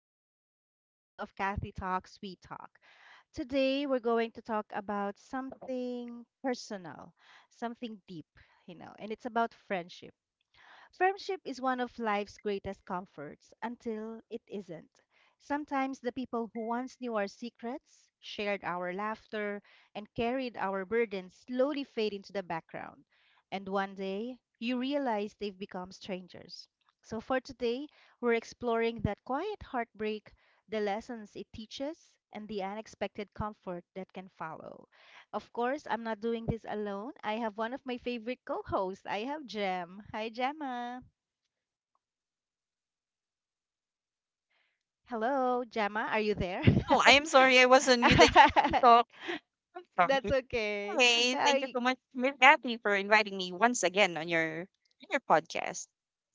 to another episode of Kathy Talks We Talk. Today, we're going to talk about something personal, something deep, and it's about friendship. Friendship is one of life's greatest comforts until it isn't. Sometimes the people who once knew our secrets, shared our laughter, and carried our burdens slowly fade into the background. And one day, you realize they've become strangers. So for today, we're exploring that quiet heartbreak, the lessons it teaches, and the unexpected comfort that can follow. Of course, I'm not doing this alone. I have one of my favorite co-hosts. I have Jem. Hi, Gemma. Hello, Jama, are you there? Oh, I am sorry. I was on mute. I can't talk. I'm That's sorry. okay. Anyway, thank you I, so much, Miss Kathy, for inviting me once again on your podcast.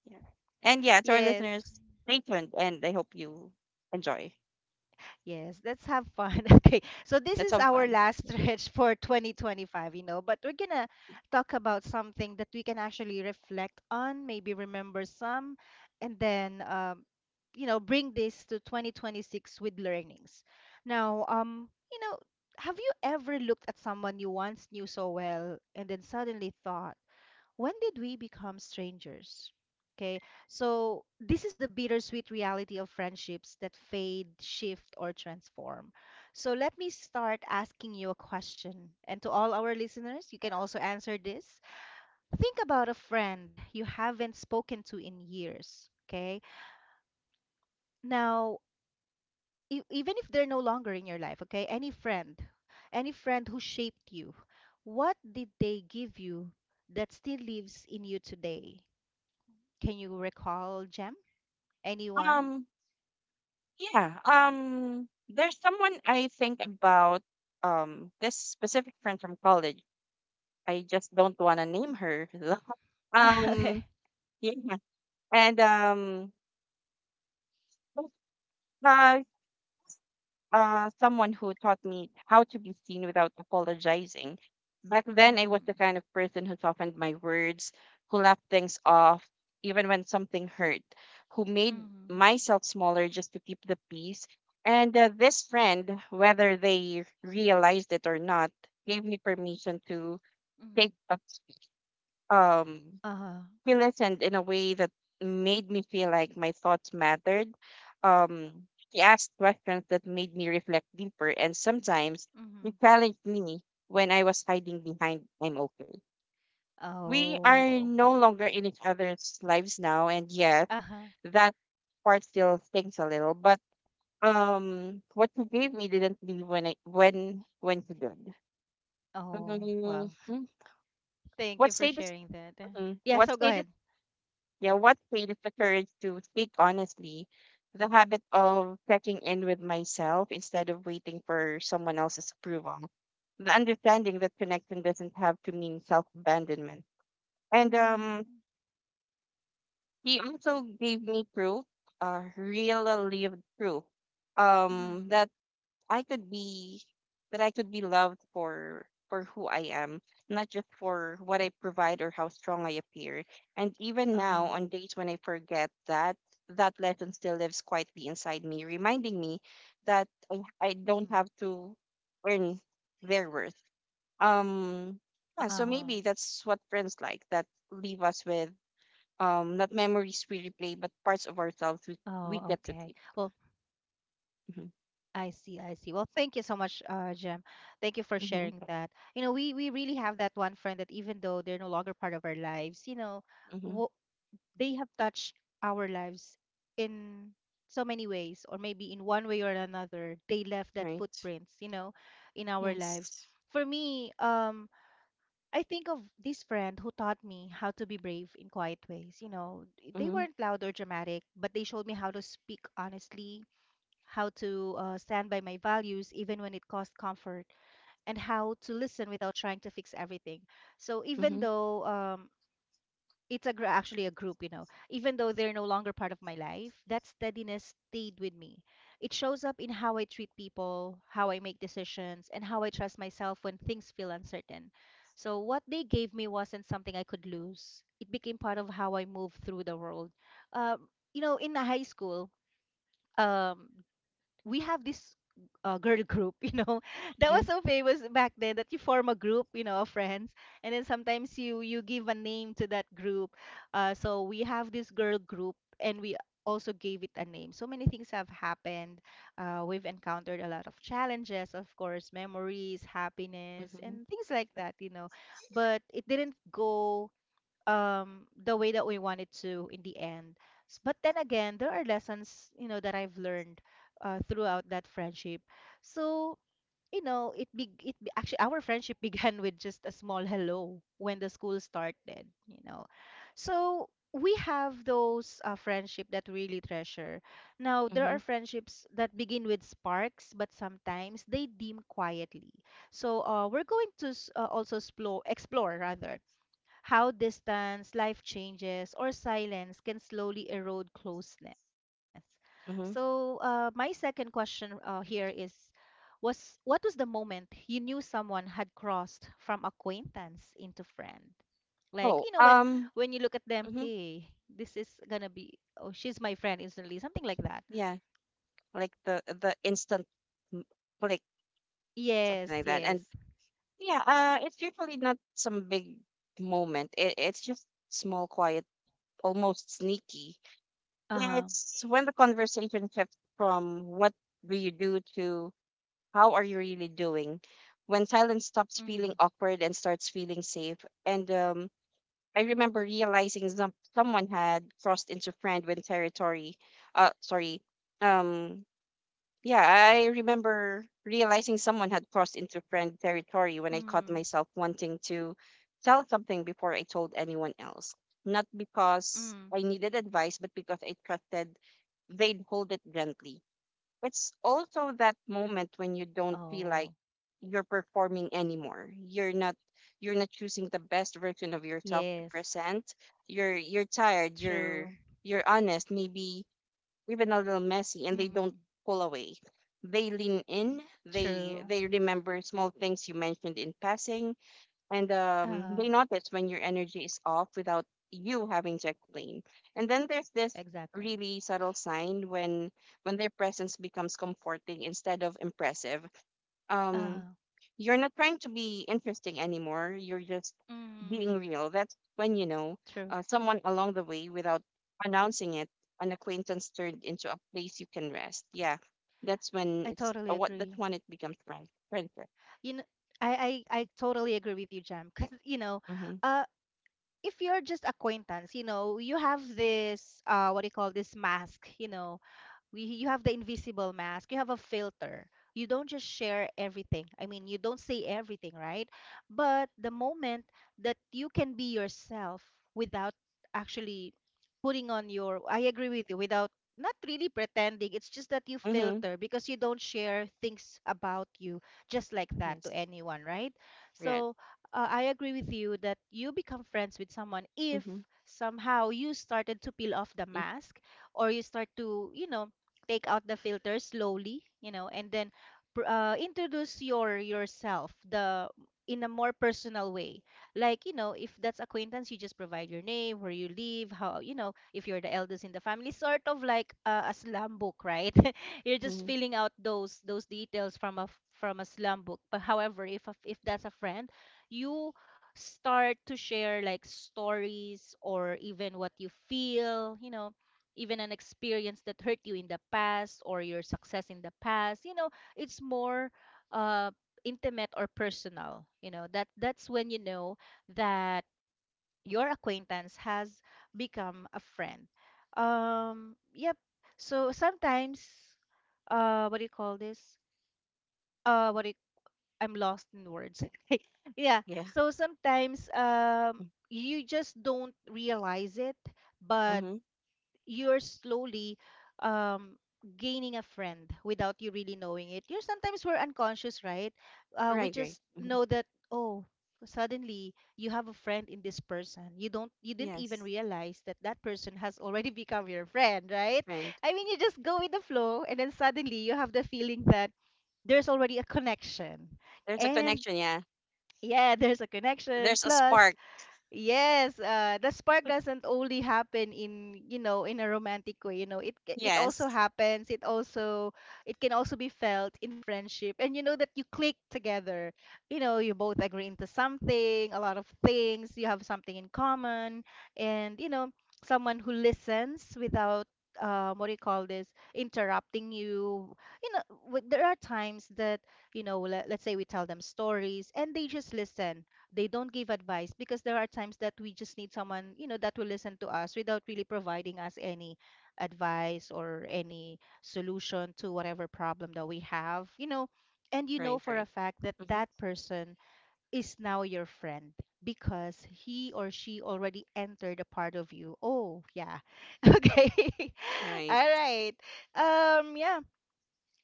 Yeah. And yeah, to our yes, listeners, stay tuned and I hope you enjoy. yes, let's have fun. Okay, so this That's is all our fun. last stretch for 2025, but we're gonna talk about something that we can actually reflect on, maybe remember some, and then, bring this to 2026 with learnings. Now, have you ever looked at someone you once knew so well and then suddenly thought, when did we become strangers? Okay, so this is the bittersweet reality of friendships that fade, shift, or transform. So let me start asking you a question. And to all our listeners, you can also answer this. Think about a friend you haven't spoken to in years. Okay, now, even if they're no longer in your life, okay, any friend who shaped you, what did they give you that still lives in you today? Can you recall, Jem? Anyone? Um, yeah. There's someone I think about, this specific friend from college. I just don't wanna name her. Um, Okay. yeah. And uh someone who taught me how to be seen without apologizing. Back then, I was the Mm. kind of person who softened my words, who left things off, even when something hurt, who made Mm. myself smaller just to keep the peace. And this friend, whether they realized it or not, gave me permission to Mm. take up. um Uh-huh. he listened in a way that made me feel like my thoughts mattered. He asked questions that made me reflect deeper, and sometimes he Mm. challenged me when I was hiding behind I'm okay. We are Oh, no okay. longer in each other's lives now, and yes, Uh-huh. that part still stings a little, but what you gave me didn't leave when I when you did. Oh, well. Hmm. Thank what you for say this sharing that. Mhm. Yeah, What so go stayed is, ahead. yeah, what created the courage to speak honestly? The habit of checking in with myself instead of waiting for someone else's approval. The understanding that connection doesn't have to mean self abandonment. And Mm. he also gave me proof, real, lived proof, um, that Hmm. I could be that I could be loved for who I am, not just for what I provide or how strong I appear. And even now, on Uh, days when I forget that, that lesson still lives quietly inside me, reminding me that I don't have Hmm. to earn their worth. Um yeah, uh, so maybe that's what friends like that leave us with, not memories we replay, but parts of ourselves oh, we, okay. we get Well, to keep. Hmm. I see, I see. Well, thank you so much, Jem. Thank you for sharing that. Hmm. You know, we really have that one friend that even though they're no longer part of our lives, you know, w Hmm. they have touched our lives in so many ways, or maybe in one way or another they left that Right. footprints, you know, in our lives. Yes. For me, I think of this friend who taught me how to be brave in quiet ways, you know. They Mhm, weren't loud or dramatic, but they showed me how to speak honestly, how to stand by my values even when it cost comfort, and how to listen without trying to fix everything. So even mhm, though, actually a group, you know, even though they're no longer part of my life, that steadiness stayed with me. It shows up in how I treat people, how I make decisions, and how I trust myself when things feel uncertain. So what they gave me wasn't something I could lose. It became part of how I move through the world. um, you know, in high school, um, we have this girl group, you know, that was mhm, so famous back then, that you form a group, you know, of friends, and then sometimes you give a name to that group. So we have this girl group, and we also gave it a name. So many things have happened. We've encountered a lot of challenges, of course, memories, happiness, mhm, and things like that, you know. But it didn't go, the way that we wanted to in the end. But then again, there are lessons, you know, that I've learned throughout that friendship. So, you know, actually our friendship began with just a small hello when the school started, you know. So we have those friendship that we really treasure. Now, there are mhm, friendships that begin with sparks, but sometimes they dim quietly. So we're going to also explore, explore rather, how distance, life changes, or silence can slowly erode closeness. So, mhm. My second question here is was what was the moment you knew someone had crossed from acquaintance into friend? Like, Oh, you know, when you look at them, mhm, hey, this is gonna be, oh, she's my friend instantly, something like that. yeah, like the instant m- click, something Yes, like that. yes. And yeah, it's usually not some big moment. It's just small, quiet, almost sneaky. Uh-huh. It's when the conversation shifts from what do you do to how are you really doing, when silence Mm-hmm. stops feeling awkward and starts feeling safe. And I remember realizing someone had crossed into friend when territory. Sorry. Um, yeah, I remember realizing someone had crossed into friend territory when I caught Mm-hmm. myself wanting to tell something before I told anyone else. Not Mm. because I needed advice, but because I trusted they'd hold it gently. It's also that moment when you don't feel Oh, like you're performing anymore. You're not choosing the best version of yourself yes. to present. You're tired, True. you're honest, maybe even a little messy, and they Mm-hmm. don't pull away. They lean in, they True. they remember small things you mentioned in passing, and uh they notice when your energy is off without you having to explain. And then there's this Exactly. really subtle sign when their presence becomes comforting instead of impressive. uh Um, you're not trying to be interesting anymore. You're just Mm, being real. That's when you know, true. Someone along the way, without announcing it, an acquaintance turned into a place you can rest. Yeah, I totally that's agree. when it becomes friendship. You know, I totally agree with you, Jam. Because, you know, Mm-hmm. uh, if you're just acquaintance, you know, you have this, what do you call this, mask, you know, we you have the invisible mask, you have a filter. You don't just share everything. I mean, you don't say everything, right? But the moment that you can be yourself without actually putting on your, I agree with you, without not really pretending. It's just that you Mm-hmm. filter, because you don't share things about you just like that to Yes. anyone, right? Right. So I agree with you that you become friends with someone if Mm-hmm. somehow you started to peel off the mask, or you start to, you know, take out the filter slowly, you know, and then introduce your yourself the in a more personal way. Like, you know, if that's acquaintance, you just provide your name, where you live, how, you know, if you're the eldest in the family, sort of like a slam book, right? You're just Mm-hmm. filling out those details from a slam book. But however, if that's a friend, you start to share like stories or even what you feel, you know, even an experience that hurt you in the past, or your success in the past, you know. It's more uh intimate or personal, you know. That that's when you know that your acquaintance has become a friend. Yep. So sometimes, what do you call this what do you, I'm lost in words. Yeah, Yeah. so sometimes, you just don't realize it, but Mm-hmm. you're slowly, um gaining a friend without you really knowing it. You're, sometimes we're unconscious, right? We Right, right. just Mm-hmm. know that, oh, suddenly you have a friend in this person. You don't, you didn't even Yes. realize that that person has already become your friend, right? Right. I mean, you just go with the flow, and then suddenly you have the feeling that there's already a connection. There's a And connection, yeah. yeah, there's a connection, There's a plus, spark. yes, the spark doesn't only happen in, you know, in a romantic way, you know. It also Yes. happens. It also, it can also be felt in friendship. And you know that you click together. You know, you both agree into something, a lot of things, you have something in common, and you know, someone who listens without, what do you call this? Interrupting you. You know, there are times that, you know, let's say we tell them stories and they just listen. They don't give advice, because there are times that we just need someone, you know, that will listen to us without really providing us any advice or any solution to whatever problem that we have, you know. And you know Right, for a right. fact that Mm-hmm. that person is now your friend, because he or she already entered a part of you. Oh, yeah. Okay. Right. All right. Yeah.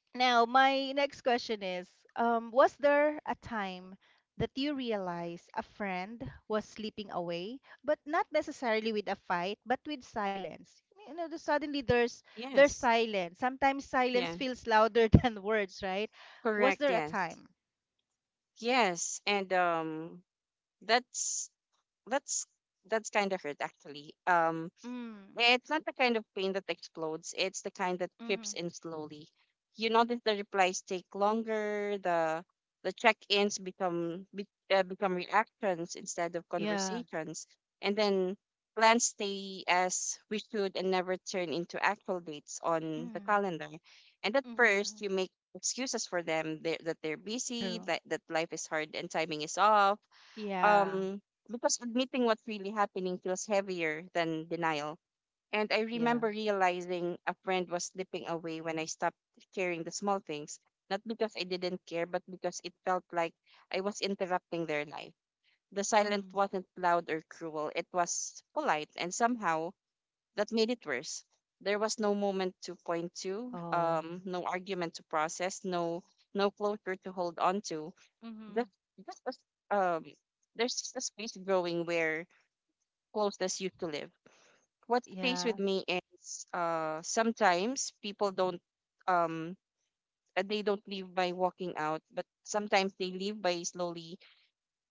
Now, my next question is, was there a time that you realized a friend was slipping away, but not necessarily with a fight, but with silence? You know, suddenly there's Yes. silence. Sometimes silence Yeah. feels louder than words, right? Was Correct, there a yes. time? Yes. And that's that's that's kind of hurt actually. Mm, It's not the kind of pain that explodes. It's the kind that mm-hmm, creeps in slowly. You notice the replies take longer. The check-ins become reactions instead of yeah, conversations, and then plans stay as we should and never turn into actual dates on the mm, calendar. And at first, mm-hmm, you make excuses for them, they that they're busy, true. that life is hard and timing is off. Yeah, Um, because admitting what's really happening feels heavier than denial, and I yeah. remember realizing a friend was slipping away when I stopped caring the small things, not because I didn't care, but because it felt like I was interrupting their life. The silence Mm, wasn't loud or cruel, it was polite, and somehow that made it worse. There was no moment to point to, oh, no argument to process, no closure to hold on to. mm-hmm, Just, just a s- um, there's just a space growing where closeness used to live. What stays yeah. with me is, sometimes people don't um they don't leave by walking out, but sometimes they leave by slowly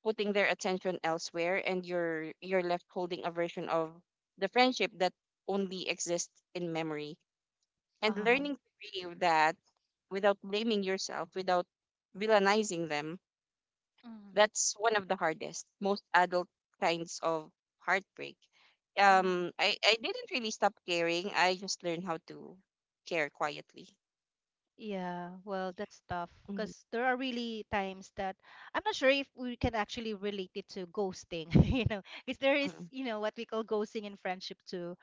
putting their attention elsewhere, and you're left holding a version of the friendship that only exists in memory, and Uh-huh, learning to grieve that without blaming yourself, without villainizing them, that's one of the hardest, most adult kinds of heartbreak. mm-hmm, I didn't really stop caring. I just learned how to care quietly. yeah, well, that's tough, Mhm, because there are really times that I'm not sure if we can actually relate it to ghosting, you know, because there is, mhm, you know, what we call ghosting in friendship too.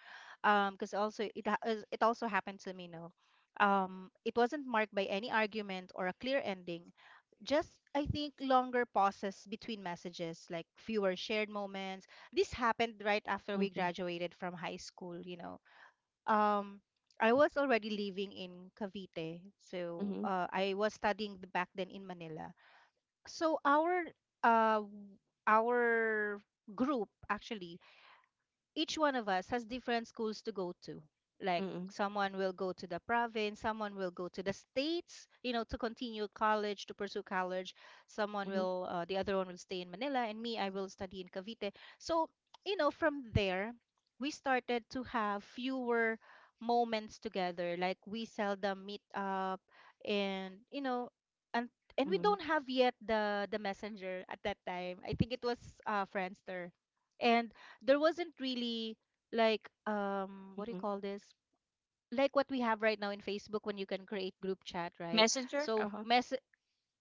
Because also it also happened to me, no. It wasn't marked by any argument or a clear ending. Just, I think, longer pauses between messages, like fewer shared moments. This happened right after we mhm, graduated from high school, you know. um I was already living in Cavite. So mhm, I was studying back then in Manila. So our uh w- our group actually, each one of us has different schools to go to. Like mhm, someone will go to the province, someone will go to the states, you know, to continue college, to pursue college. Someone mhm, will, the other one will stay in Manila, and me, I will study in Cavite. So, you know, from there, we started to have fewer moments together. Like we seldom meet up, and you know, and and we mhm, don't have yet the messenger at that time. I think it was Friendster, and there wasn't really like what do you mhm. call this, like what we have right now in Facebook when you can create group chat, right? Messenger? so Uh-huh. mess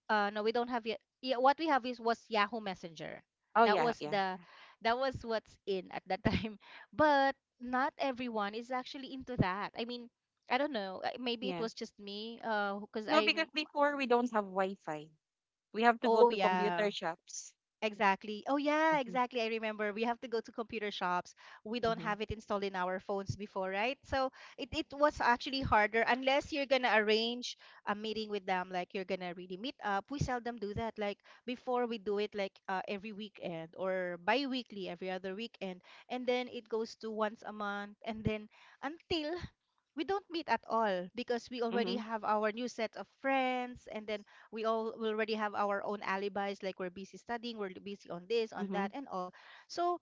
No, we don't have yet. Yeah, what we have is was Yahoo Messenger. Oh, That yeah, was yeah, the yeah. that was what's in at that time. But not everyone is actually into that. I mean, I don't know, maybe it Yeah. was just me, uh, because No, because I'm before we don't have Wi-Fi. We have to go oh to yeah. computer shops. Exactly. Oh yeah, Mhm, exactly. I remember we have to go to computer shops. We don't mhm, have it installed in our phones before, right? So it was actually harder unless you're gonna arrange a meeting with them, like you're gonna really meet up. We seldom do that. Like before, we do it like every weekend or bi-weekly, every other weekend, and then it goes to once a month, and then until we don't meet at all because we already mhm, have our new set of friends. And then we already have our own alibis, like we're busy studying, we're busy on this, on mhm. that, and all. so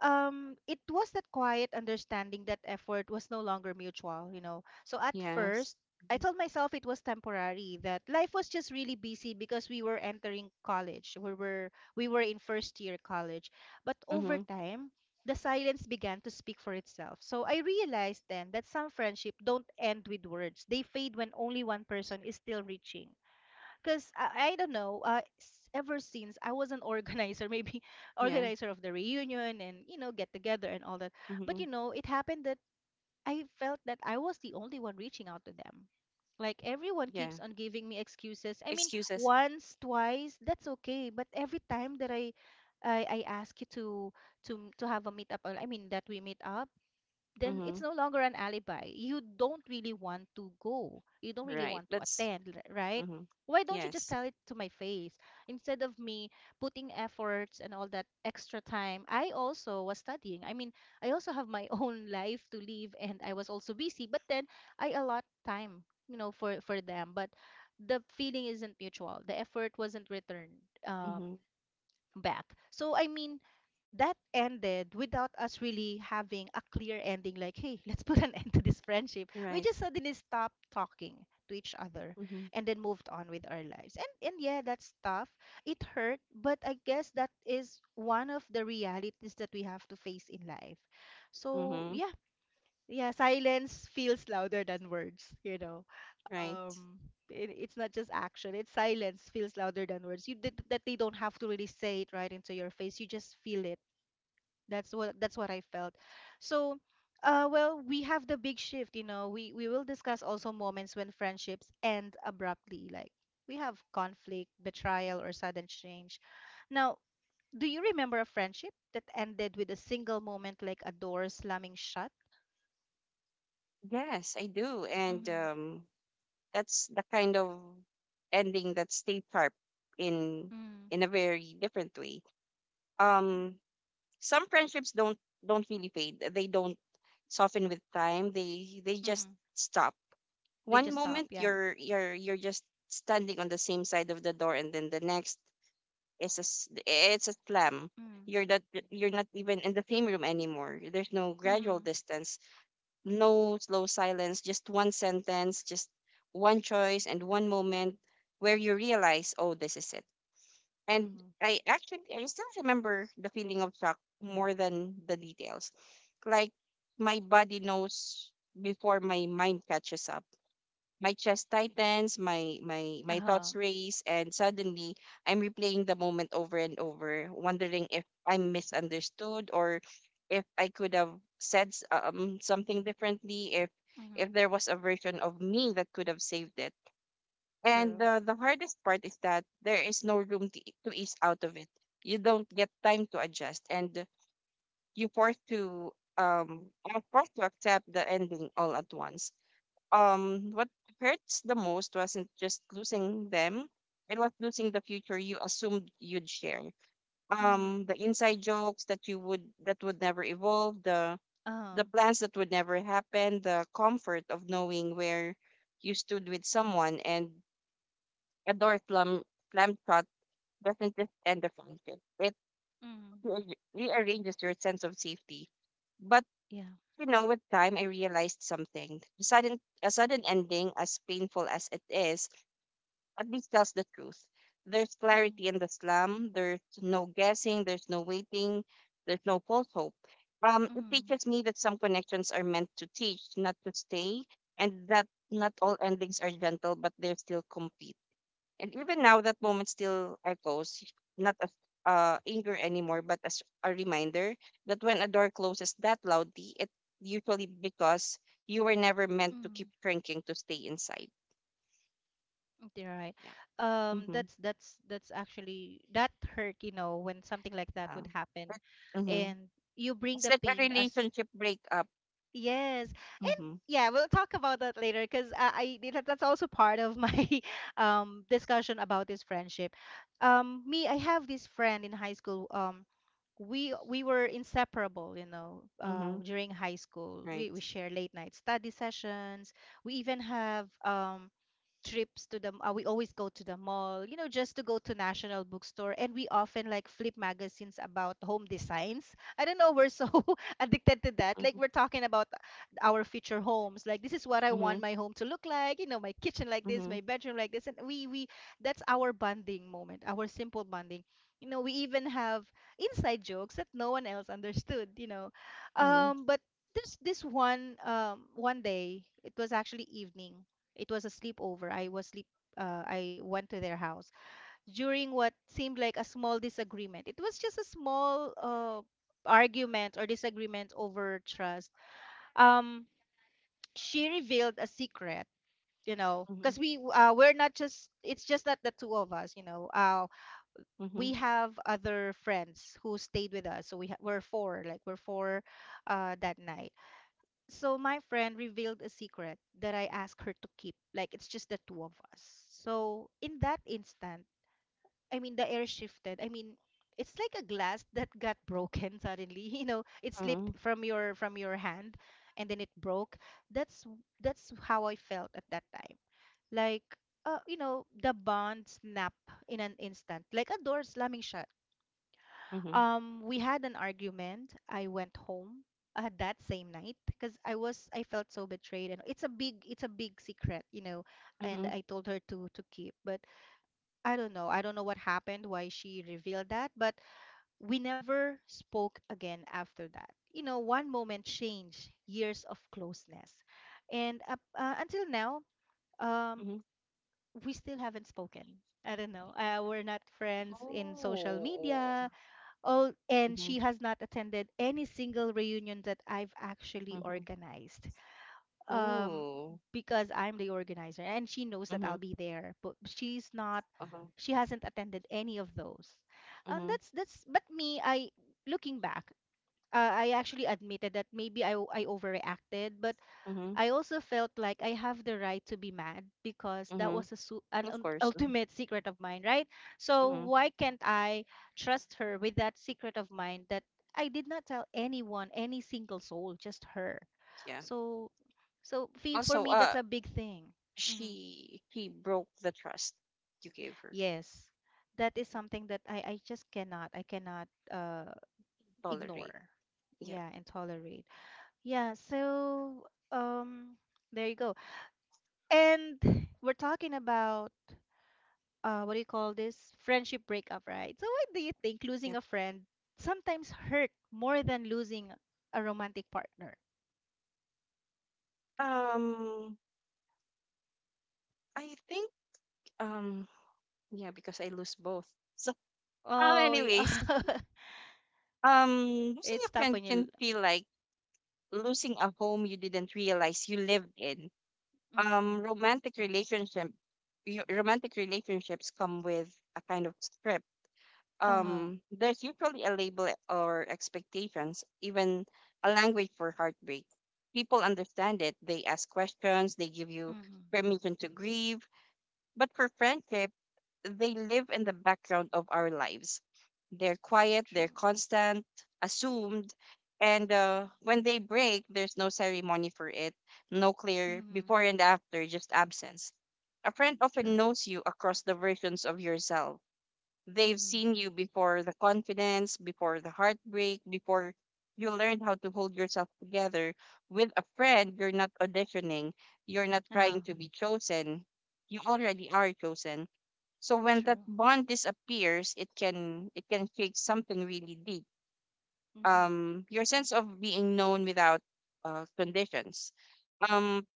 um it was that quiet understanding that effort was no longer mutual, you know. So at Yes. first I Mm-hmm. told myself it was temporary, that life was just really busy because we were entering college. We were in first year college, but over Mm-hmm. time the silence began to speak for itself. So I realized then that some friendship don't end with words. They fade when only one person is still reaching. Because I don't know, ever since I was an organizer, maybe Yeah. organizer of the reunion and, you know, get together and all that. But, Mm-hmm. you know, it happened. I felt that I was the only one reaching out to them. Like everyone Yeah. keeps on giving me excuses. I mean, Excuses. once, twice, that's okay. But every time that I ask you to have a meetup, or I mean that we meet up, then Mm-hmm. it's no longer an alibi. You don't really want to go. You don't really Right. want to That's attend, right? Mm-hmm. Why don't you just Yes. tell it to my face? Instead of me putting efforts and all that extra time, I also was studying. I mean, I also have my own life to live, and I was also busy, but then I allot time, you know, for them, but the feeling isn't mutual. The effort wasn't returned, uh, Mm-hmm. back. So I mean, that ended without us really having a clear ending, like hey, let's put an end to this friendship. We Right. just suddenly stopped talking to each other Mm-hmm. and then moved on with our lives, and yeah, that's tough. It hurt, but I guess that is one of the realities that we have to face in life. So Mm-hmm. yeah, yeah, silence feels louder than words, you know. Right. um it, it's not just action, it's silence feels louder than words you did that. They don't have to really say it right into your face, you just feel it. That's what I felt. So, well, we have the big shift, you know. We will discuss also moments when friendships end abruptly, like we have conflict, betrayal, or sudden change. Now, do you remember a friendship that ended with a single moment, like a door slamming shut? Yes, I do. And Mm-hmm. That's the kind of ending that stayed sharp in Mm-hmm. in a very different way. Mm-hmm. Um, some friendships don't really fade. They don't soften with time. They just Mm-hmm. stop. They One just stop, moment yeah. you're just standing on the same side of the door, and then the next. It's a slam. Mm. You're not you're not even in the same room anymore. There's no gradual Mm-hmm. distance, no slow silence, just one sentence, just one choice and one moment where you realize, oh, this is it. And Mm-hmm. I actually I still remember the feeling of shock more than the details. Like my body knows before my mind catches up, my chest tightens, my my Uh-huh. thoughts race, and suddenly I'm replaying the moment over and over, wondering if I'm misunderstood, or if I could have said something differently, if Mm-hmm. if there was a version of me that could have saved it. And True. The hardest part is that there is no room to ease out of it. You don't get time to adjust, and you forced to are forced to accept the ending all at once. What hurts the most wasn't just losing them. It was losing the future you assumed you'd share, Mm-hmm. The inside jokes that would never evolve, the Um, plans that would never happen, the comfort of knowing where you stood with someone. And a door slam shut doesn't just end the friendship, it Mm-hmm. Rearranges your sense of safety. But, yeah. With time, I realized something: a sudden ending, as painful as it is, at least tells the truth. There's Mm-hmm. clarity in the slum. There's no guessing. There's no waiting. There's no false hope. It teaches me that some connections are meant to teach, not to stay, and that not all endings are gentle, but they're still complete. And even now, that moment still echoes, not as anger anymore, but as a reminder that when a door closes that loudly, it's usually because you were never meant to Mm-hmm. keep shrinking to stay inside. Okay, right. Yeah. Um, Mm-hmm. that's that's that's actually that hurt, you know, when something like that Yeah. would happen, Mm-hmm. and you bring It's the like a pain as relationship breakup. yes, and Mm-hmm. yeah, we'll talk about that later because that's also part of my discussion about this friendship. Me, I have this friend in high school. We were inseparable, you know, Mm-hmm. during high school. Right. We share late night study sessions. We even have trips to the we always go to the mall, you know, just to go to National Bookstore, and we often like flip magazines about home designs. I don't know, we're so addicted to that. Like Mm-hmm. we're talking about our future homes, like this is what I Mm-hmm. want my home to look like, you know, my kitchen like this, Mm-hmm. my bedroom like this, and we that's our bonding moment, our simple bonding. You know, we even have inside jokes that no one else understood, you know. Mm-hmm. But there's this one, one day, it was actually evening, it was a sleepover. I was sleep. I went to their house during what seemed like a small disagreement. It was just a small, argument or disagreement over trust. Um, she revealed a secret. You know, Mm-hmm. because we, we're not just, it's just not the two of us. You know, we have other friends who stayed with us. So we're four. Like we're four, that night. So my friend revealed a secret that I asked her to keep. Like it's just the two of us. So in that instant, I mean the air shifted. I mean it's like a glass that got broken suddenly. You know, it Mm-hmm. slipped from your hand and then it broke. That's that's how I felt at that time. Like, you know, the bond snapped in an instant, like a door slamming shut. Mm-hmm. We had an argument. I went home, that same night, because I felt so betrayed, and it's a big secret, you know. And Mm-hmm. I told her to keep, but I don't know. I don't know what happened, why she revealed that, but we never spoke again after that. You know, one moment changed years of closeness, and up, until now, um, Mm-hmm. we still haven't spoken. I don't know. We're not friends in social Oh. media all, and Mm-hmm. she has not attended any single reunion that I've actually Mm-hmm. organized. Um, Oh. because I'm the organizer and she knows that Mm-hmm. I'll be there, but Uh-huh. she hasn't attended any of those. And Mm-hmm. That's but me, I looking back, I actually admitted that maybe I overreacted, but Mm-hmm. I also felt like I have the right to be mad because that was a Mm-hmm. Of course. Mm-hmm. ultimate secret of mine, right? So Mm-hmm. why can't I trust her with that secret of mine that I did not tell anyone, any single soul, just her. Yeah. So so fee for Also, me, that's a big thing. Hmm. she he broke the trust you gave her. Yes. That is something that I just cannot, I cannot, Tolerate. ignore. Yep. Yeah, and tolerate. Yeah, so there you go. And we're talking about, what do you call this? Friendship breakup, right? So, what do you think losing Yep. a friend sometimes hurt more than losing a romantic partner? Um, I think, um yeah, because I lose both. So, Oh, anyways, um, losing it's a tough friend when you. can feel like losing a home you didn't realize you lived in. Mm, Romantic relationship, romantic relationships come with a kind of script. uh, There's usually a label or expectations, even a language for heartbreak. People understand it. They ask questions. They give you mm, permission to grieve. But for friendship, they live in the background of our lives. They're quiet, true. they're constant, assumed, and when they break, there's no ceremony for it, no clear Mm, before and after, just absence. A friend true. often knows you across the versions of yourself. They've Mm, seen you before the confidence, before the heartbreak, before you learned how to hold yourself together. With a friend, you're not auditioning, you're not uh, trying to be chosen. You already are chosen. So when that true. bond disappears, it can shake something really deep. Mm, Your sense of being known without conditions. Um,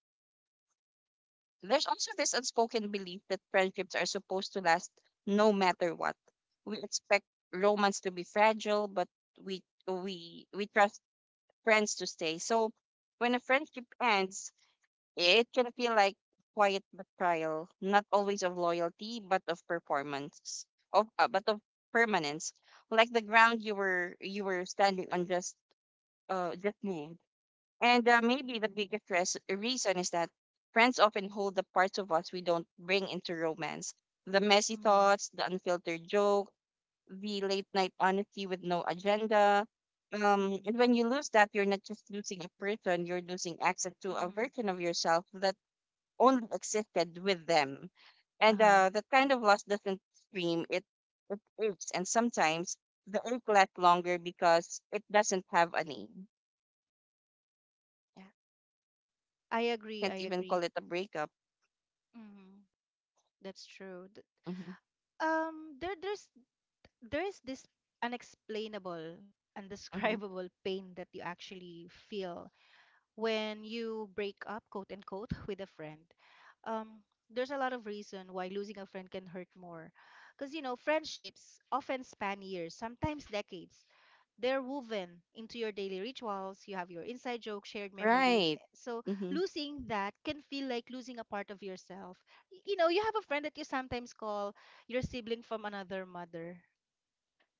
there's also this unspoken belief that friendships are supposed to last no matter what. We expect romance to be fragile, but we we trust friends to stay. So when a friendship ends, it can feel like quiet betrayal, not always of loyalty, but of performance, of but of permanence. Like the ground you were standing on just just moved, and maybe the biggest reason is that friends often hold the parts of us we don't bring into romance, the messy mm, thoughts, the unfiltered joke, the late night honesty with no agenda. Um, mm, and when you lose that, you're not just losing a person, you're losing access to a mm, version of yourself that only existed with them. And uh, that kind of loss doesn't scream, it aches. And sometimes the ache lasts longer because it doesn't have a name. Yeah, I agree. I can't even agree. call it a breakup. Mm, that's true. Th- Mm-hmm. There's there is this unexplainable, Mm-hmm. undescribable pain that you actually feel when you break up, quote unquote, with a friend. Um, there's a lot of reason why losing a friend can hurt more. Because, you know, friendships often span years, sometimes decades. They're woven into your daily rituals. You have your inside jokes, shared memories. Right. So Mm-hmm. losing that can feel like losing a part of yourself. You know, you have a friend that you sometimes call your sibling from another mother,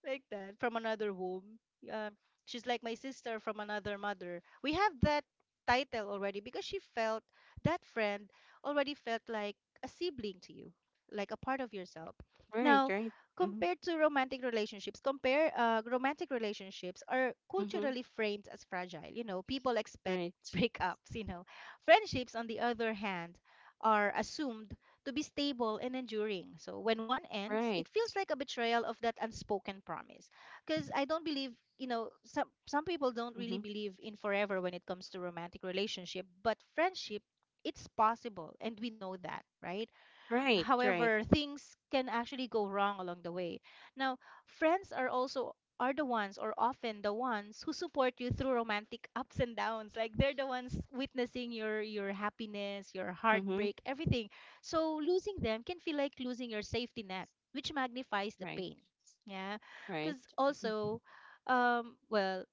like that, from another womb. Uh, she's like my sister from another mother. We have that title already because she felt that friend already felt like a sibling to you, like a part of yourself. Right. Now, Right. Mm-hmm. compared to romantic relationships, compare romantic relationships are Mm-hmm. culturally framed as fragile. You know, people expect Right. breakups. You know, friendships on the other hand are assumed to be stable and enduring. So when one ends, Right. it feels like a betrayal of that unspoken promise. Because I don't believe, you know, some people don't really Mm-hmm. believe in forever when it comes to romantic relationship, but friendship, it's possible, and we know that, right? Right. Right. However, things can actually go wrong along the way. Now, friends are also are the ones or often the ones who support you through romantic ups and downs. Like they're the ones witnessing your happiness, your Mm-hmm. heartbreak, everything. So losing them can feel like losing your safety net, which magnifies the Right. pain. Yeah. Right. Cuz also um well,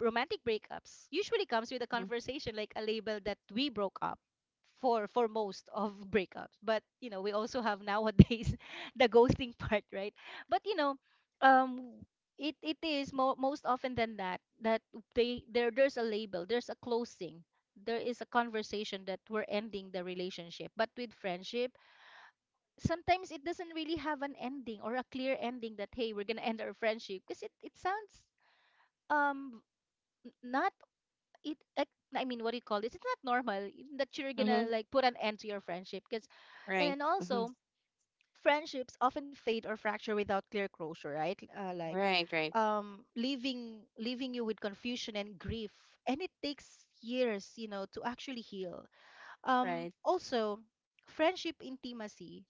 romantic breakups usually comes with a Mm-hmm. conversation, like a label that we broke up for most of breakups. But you know, we also have nowadays the ghosting part, right? But um it is most often than that, that they there there's a label, there's a closing, there is a conversation that we're ending the relationship. But with friendship, sometimes it doesn't really have an ending or a clear ending, that hey, we're gonna end our friendship, because it sounds um not, it like I mean, what do you call this? It's not normal that you're mm-hmm. gonna like put an end to your friendship because, and Right. then Mm-hmm. also friendships often fade or fracture without clear closure, right? Uh, like, Right. Right. um, leaving you with confusion and grief, and it takes years to actually heal. Right. Also, friendship intimacy,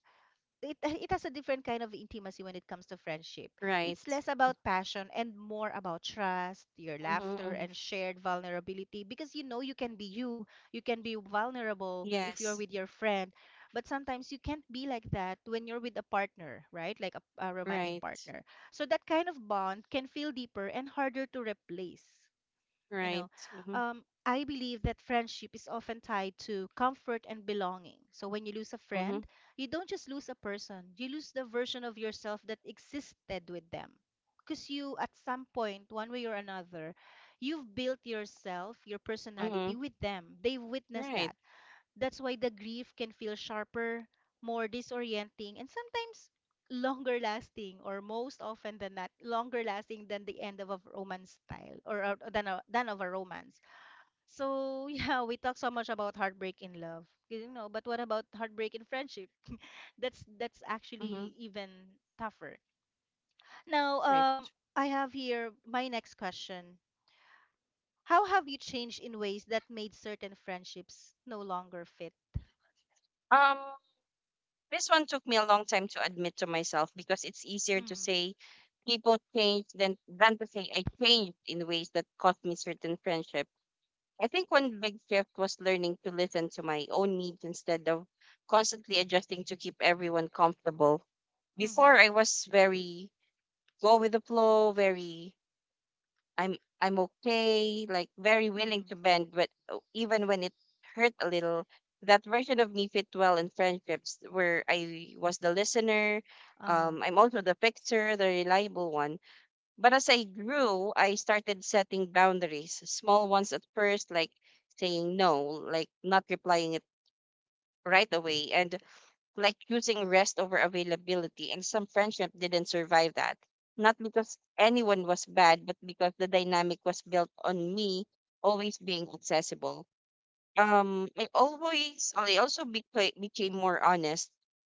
it it has a different kind of intimacy when it comes to friendship. It's Right. less about passion and more about trust, your Mm-hmm. laughter Mm-hmm. and shared vulnerability, because you know you can be you, you can be vulnerable if you're Yes. with your friend, but sometimes you can't be like that when you're with a partner, right? Like a romantic Right. partner. So that kind of bond can feel deeper and harder to replace. You Right. know, Mm-hmm. I believe that friendship is often tied to comfort and belonging. So when you lose a Mm-hmm. friend, you don't just lose a person, you lose the version of yourself that existed with them. Because you, at some point, one way or another, you've built yourself, your Mm-hmm. personality with them. They've witnessed Right. that. That's why the grief can feel sharper, more disorienting, and sometimes longer lasting, or most often than not, longer lasting than the end of a romance style, than of a romance. So, yeah, we talk so much about heartbreak in love, you know, but what about heartbreak in friendship? That's Mm-hmm. actually even tougher. Now, Right. I have here my next question. How have you changed in ways that made certain friendships no longer fit? Um. This one took me a long time to admit to myself because it's easier to Mm, say people change than to say I changed in ways that cost me certain friendship. I think one big shift was learning to listen to my own needs instead of constantly adjusting to keep everyone comfortable. Before, mm-hmm, I was very go with the flow, very I'm okay, like very willing mm-hmm. to bend, but even when it hurt a little, that version of me fit well in friendships where I was the listener. Uh-huh. I'm also the fixer, the reliable one. But as I grew, I started setting boundaries, small ones at first, like saying no, like not replying it right away, and like choosing rest over availability, and some friendship didn't survive that. Not because anyone was bad, but because the dynamic was built on me always being accessible. I also became more honest,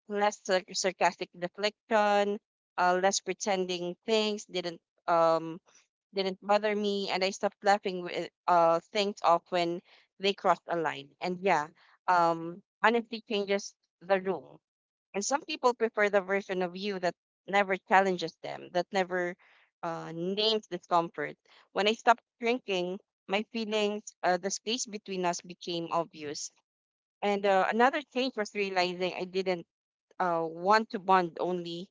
less sarcastic deflection, less pretending things um didn't bother me, and I stopped laughing with things off when they crossed a line. And yeah, honesty changes the room. And some people prefer the version of you that never challenges them, that never names discomfort. When I stopped drinking my feelings, the space between us became obvious. And another change was realizing I didn't want to bond only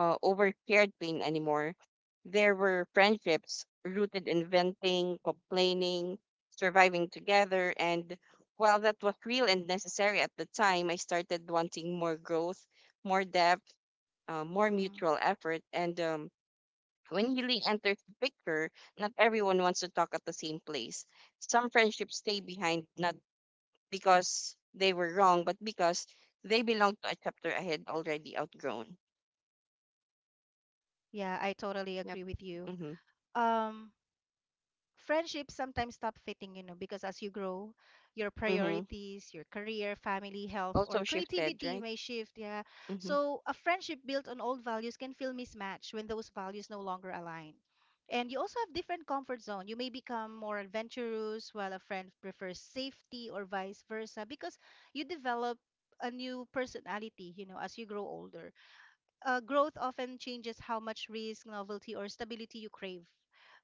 over shared pain anymore. There were friendships rooted in venting, complaining, surviving together. And while that was real and necessary at the time, I started wanting more growth, more depth, more Mm. mutual effort. And when healing enters the picture, not everyone wants to talk at the same place. Some friendships stay behind, not because they were wrong, but because they belong to a chapter I had already outgrown. Yeah, I totally Yep. agree with you. Mm-hmm. Um, Friendships sometimes stop fitting, you know, because as you grow, your Mm-hmm. priorities, your career, family, health, or Also shifted, creativity right? may shift. Yeah. Mm-hmm. So a friendship built on old values can feel mismatched when those values no longer align. And you also have different comfort zone. You may become more adventurous while a friend prefers safety or vice versa, because you develop a new personality, you know, as you grow older. Growth often changes how much risk, novelty, or stability you crave.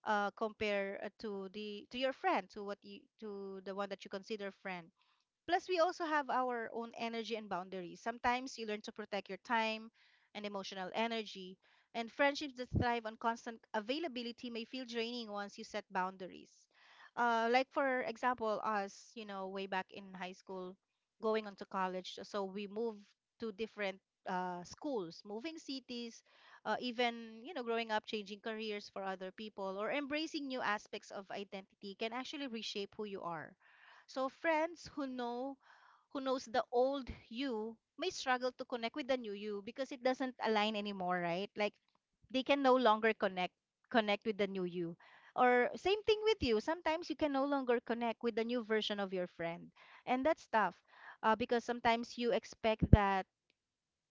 Compare to your friend, to what you to the one that you consider friend. Plus, we also have our own energy and boundaries. Sometimes you learn to protect your time and emotional energy, and friendships that thrive on constant availability may feel draining once you set boundaries. Like, for example, us, you know, way back in high school, going on to college, so we moved to different schools, moving cities, even, you know, growing up, changing careers for other people, or embracing new aspects of identity can actually reshape who you are. So friends who know who knows the old you may struggle to connect with the new you, because it doesn't align anymore, right? Like they can no longer connect with the new you. Or same thing with you, sometimes you can no longer connect with the new version of your friend. And that's tough, because sometimes you expect that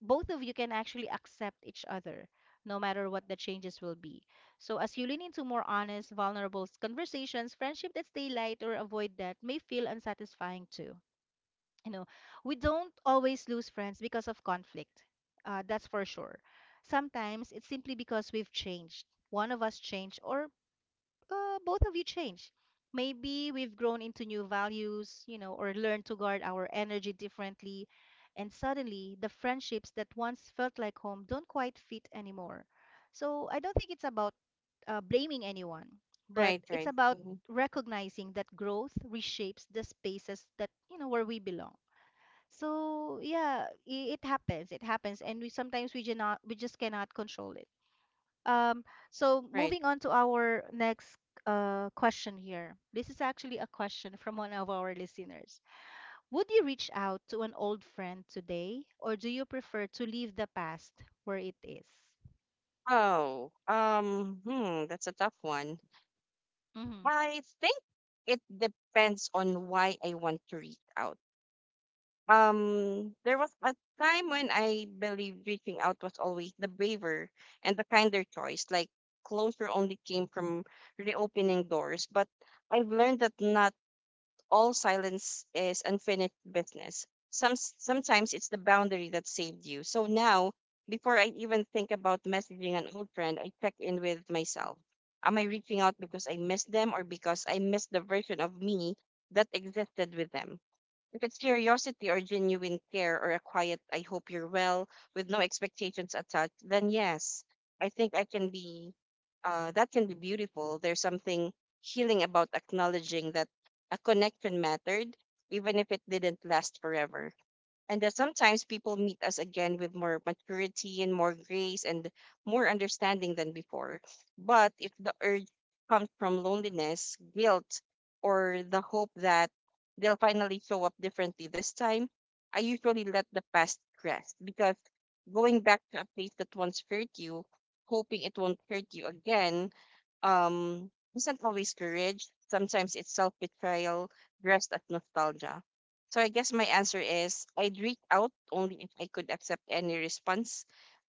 both of you can actually accept each other no matter what the changes will be. So as you lean into more honest, vulnerable conversations, friendship that stay light or avoid that may feel unsatisfying too. You know, we don't always lose friends because of conflict, that's for sure. Sometimes it's simply because we've changed, one of us changed or both of you changed. Maybe we've grown into new values, you know, or learned to guard our energy differently, and suddenly the friendships that once felt like home don't quite fit anymore. So I don't think it's about blaming anyone, but Right, it's right, about mm-hmm. recognizing that growth reshapes the spaces, that you know, where we belong. So yeah, it happens. It happens, and we sometimes we cannot we just cannot control it. Um, so Right. moving on to our next question here. This is actually a question from one of our listeners. Would you reach out to an old friend today, or do you prefer to leave the past where it is? Oh, hmm, that's a tough one. Mm-hmm. I think it depends on why I want to reach out. There was a time when I believed reaching out was always the braver and the kinder choice. Like closure only came from reopening doors, but I've learned that not all silence is unfinished business. Sometimes it's the boundary that saved you. So now, before I even think about messaging an old friend, I check in with myself. Am I reaching out because I miss them, or because I miss the version of me that existed with them? If it's curiosity or genuine care or a quiet "I hope you're well," with no expectations attached, then yes, I think that can be beautiful. There's something healing about acknowledging that a connection mattered, even if it didn't last forever, and that sometimes people meet us again with more maturity and more grace and more understanding than before. But if the urge comes from loneliness, guilt, or the hope that they'll finally show up differently this time, I usually let the past rest, because going back to a place that once hurt you, hoping it won't hurt you again, um, isn't always courage. Sometimes it's self betrayal dressed as nostalgia. So I guess my answer is I'd reach out only if I could accept any response,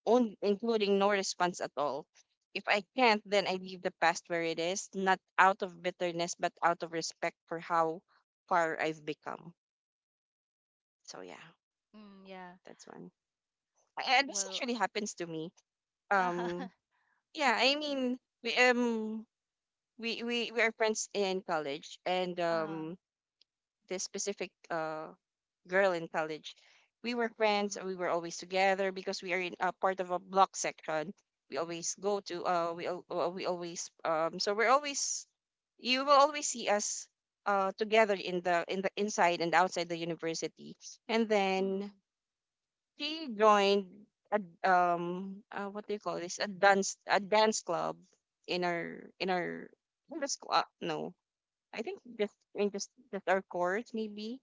including no response at all. If I can't, then I leave the past where it is, not out of bitterness, but out of respect for how far I've become. So yeah, Mm, yeah. that's one. And this Well, actually happens to me. uh, Um, yeah, I mean, we, um, we are friends in college, and uh, this specific girl in college, we were friends, mm-hmm, we were always together because we are in a part of a block section. We always go to we al- we always so we're always, you will always see us together in the inside and outside the university. And then mm-hmm, she joined a what do you call this, a dance club in our in our in the school. No, I think just, I mean, just our course, maybe.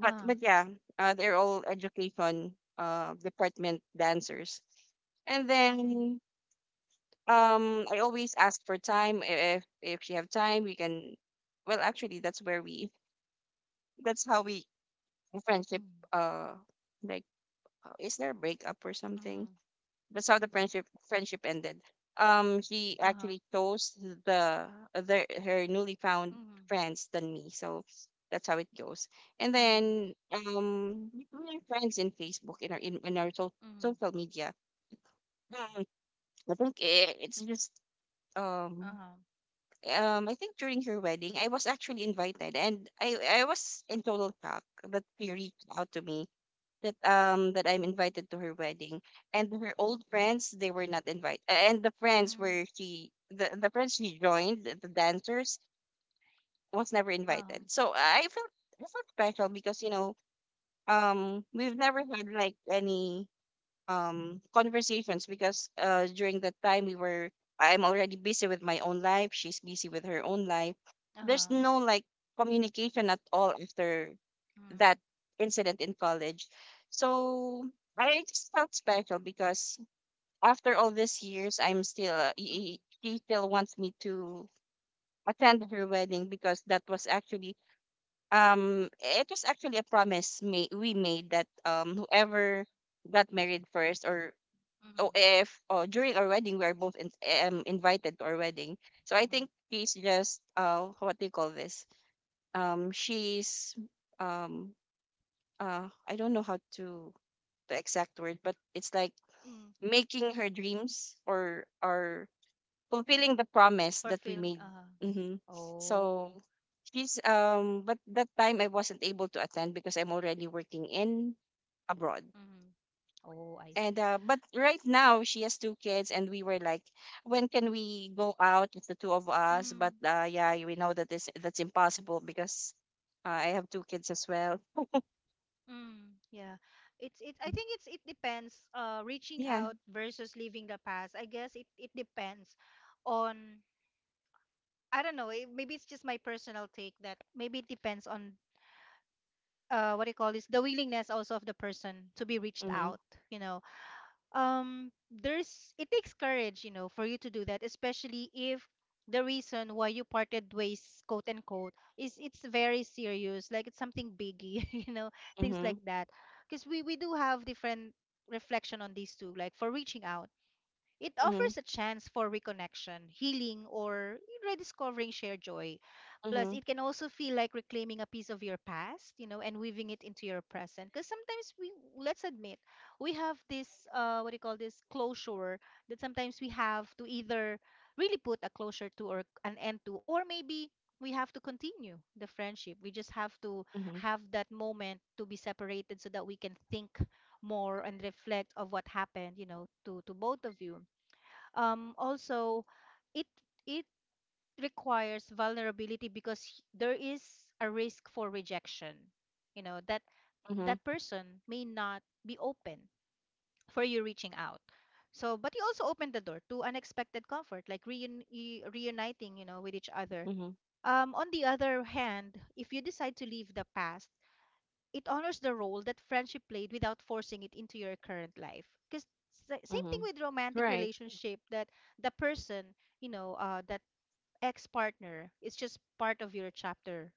But yeah, they're all education department dancers. And mm-hmm, then I always ask for time, if you have time we can, well actually that's where we, that's how we friendship, uh like, is there a breakup or mm-hmm, something? That's how the friendship ended. He uh-huh, actually chose the other, her newly found mm-hmm, friends, than me, so that's how it goes. And mm-hmm, then we are friends in Facebook in our in our so, mm-hmm, social media. Um, I think it's just um uh-huh. um, I think during her wedding I was actually invited, and I was in total shock that she reached out to me, that that I'm Mm. invited to her wedding, and her old friends they were not invited, and the friends Mm. where she the friends she joined, the dancers, was never Uh-huh. invited. So I felt, I felt special, because you know we've never had like any conversations, because during that time we were, I'm already busy with my own life. She's busy with her own life. There's Uh-huh. no like communication at all after that Mm. incident in college. So I just felt special because after all these years, I'm still, Mm. He still wants me to attend her wedding, because that was actually, it was actually a promise we made that whoever got married first, or oh, Mm. if oh, during our wedding, we are both in, invited to our wedding. So I Mm. think she's just, what do you call this? Um, she's, um, I don't know how to the exact word, but it's like Mm. making her dreams, or fulfilling the promise For that we film, made. uh-huh. Hmm. So Oh. she's but that time I wasn't able to attend because I'm already working in abroad. Mm. Oh, I And see. But right now she has two kids, and we were like, when can we go out, just the two of us? But Mm. Yeah, we know that this, that's impossible because I have two kids as well. Mm. Yeah. It's it I think it depends, reaching Yeah. out versus leaving the past. I guess it depends on, I don't know, it, maybe it's just my personal take that maybe it depends on what do you call this, the willingness also of the person to be reached Mm-hmm. out, you know. There's, it takes courage, you know, for you to do that, especially if the reason why you parted ways, quote unquote, is, it's very serious, like it's something biggie, you know, things Mm-hmm. like that. Because we do have different reflection on these two. Like, for reaching out, it Mm-hmm. offers a chance for reconnection, healing, or rediscovering shared joy. Plus, Mm-hmm. it can also feel like reclaiming a piece of your past, you know, and weaving it into your present. Because sometimes we, let's admit, we have this, what do you call this, closure, that sometimes we have to either really put a closure to or an end to, or maybe we have to continue the friendship. We just have to Mm-hmm. have that moment to be separated so that we can think more and reflect of what happened, you know, to both of you. Also, it it requires vulnerability, because there is a risk for rejection, you know, that Mm-hmm. that person may not be open for you reaching out. So but you also open the door to unexpected comfort, like reuniting, you know, with each other. On the other hand, if you decide to leave the past, it honors the role that friendship played without forcing it into your current life. Because same Mm-hmm. thing with romantic Right. relationship, that the person, that ex partner is just part of your chapter,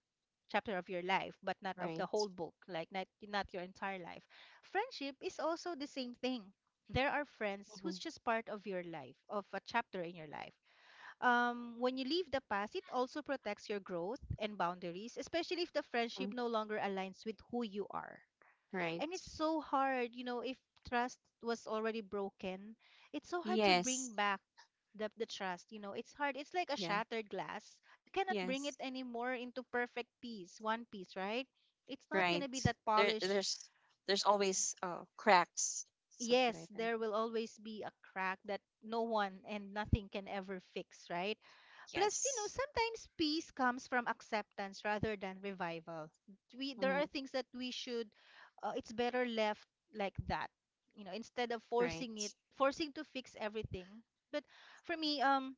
chapter of your life but not of the Right. whole book, like not, not your entire life. Friendship is also the same thing. There are friends Mhm, who's just part of your life, of a chapter in your life. When you leave the past, it also protects your growth and boundaries, especially if the friendship mhm, no longer aligns with who you are. right. And it's so hard, you know, if trust was already broken, it's so hard to Yes. bring back the trust, you know. It's hard. It's like a Yeah. shattered glass. You cannot bring it Yes. anymore into perfect piece, one piece, right? It's not Right. gonna be that There. polished. There's. There's always cracks. Something Yes, like that. there will always be a crack that no one and nothing can ever fix, right? Plus, you know, Yes. sometimes peace comes from acceptance rather than revival. We There Hmm. are things that we should, it's better left like that. You know, instead of forcing Right. it, forcing to fix everything. But for me,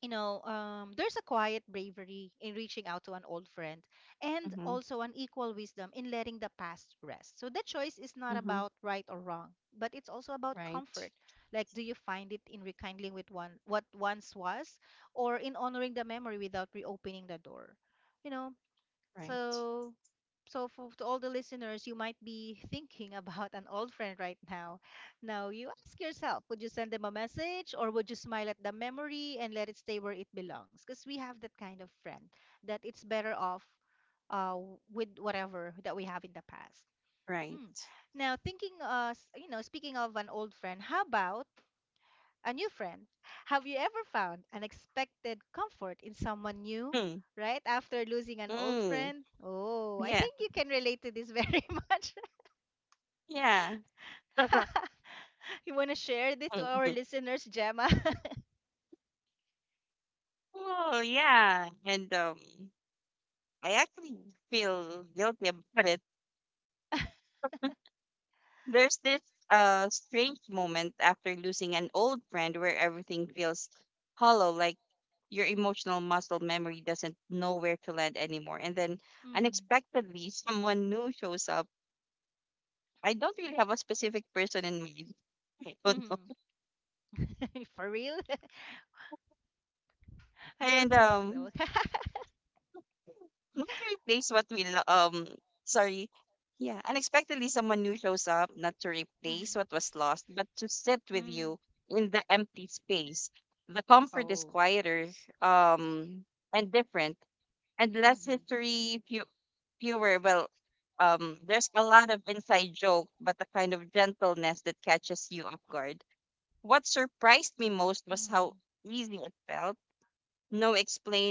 you know, there's a quiet bravery in reaching out to an old friend, and Mm-hmm. also an equal wisdom in letting the past rest. So that choice is not Mm-hmm. about right or wrong, but it's also about Right. comfort. Like, do you find it in rekindling with one what once was, or in honoring the memory without reopening the door? You know, Right. so, so for to all the listeners, you might be thinking about an old friend right now. Now, you ask yourself, would you send them a message, or would you smile at the memory and let it stay where it belongs? Because we have that kind of friend that it's better off, with whatever that we have in the past. Hmm. Right. Now, thinking, you know, speaking of an old friend, how about a new friend. Have you ever found unexpected comfort in someone new, Mm. right? After losing an old Mm. friend? Oh, I Yeah. think you can relate to this very much. Yeah. You want to share this to our Mhm. listeners, Gemma? Oh yeah. And I actually feel guilty about it. There's this strange moment after losing an old friend where everything feels hollow, like your emotional muscle memory doesn't know where to land anymore. And then unexpectedly, someone new shows up. I don't really have a specific person in mind. I don't know. Mm-hmm. For real? I don't And think so. Not to replace what we sorry, yeah, unexpectedly someone new shows up, not to replace Hmm. what was lost, but to sit with Mm. you in the empty space. The comfort is Oh. quieter, um and different, and less Mm-hmm. history, fewer, there's a lot of inside joke, but the kind of gentleness that catches you off guard. What surprised me most was Mm-hmm. how easy it felt. No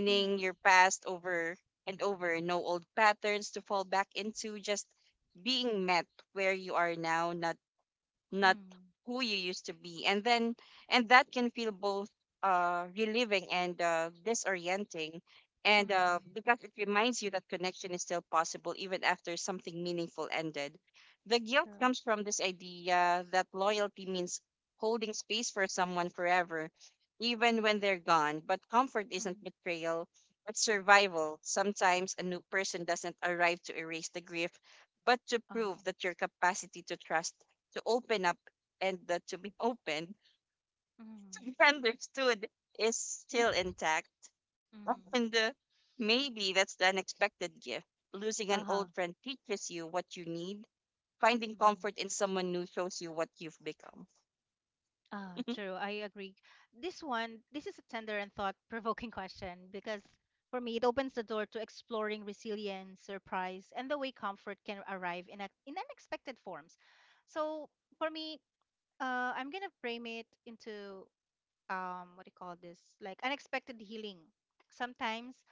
Mm-hmm. your past over and over. No old patterns to fall back into. Just being met where you are now, not not Mm-hmm. who you used to be. And then, and that can feel both relieving and disorienting, and Mm-hmm. because it reminds you that connection is still possible even after something meaningful ended. The guilt True. comes from this idea that loyalty means holding space for someone forever, even when they're gone. But comfort isn't Mm-hmm. betrayal but survival. Sometimes a new person doesn't arrive to erase the grief, but to Uh-huh. prove that your capacity to trust, to open up, and to be open, Mm-hmm. to be understood, is still intact. Mm-hmm. And maybe that's the unexpected gift. Losing an Uh-huh. old friend teaches you what you need. Finding comfort in someone new shows you what you've become. Ah, true. I agree. This one, this is a tender and thought-provoking question, because for me, it opens the door to exploring resilience, surprise, and the way comfort can arrive in a, in unexpected forms. So for me, I'm gonna frame it into what do you call this, like, unexpected healing. Sometimes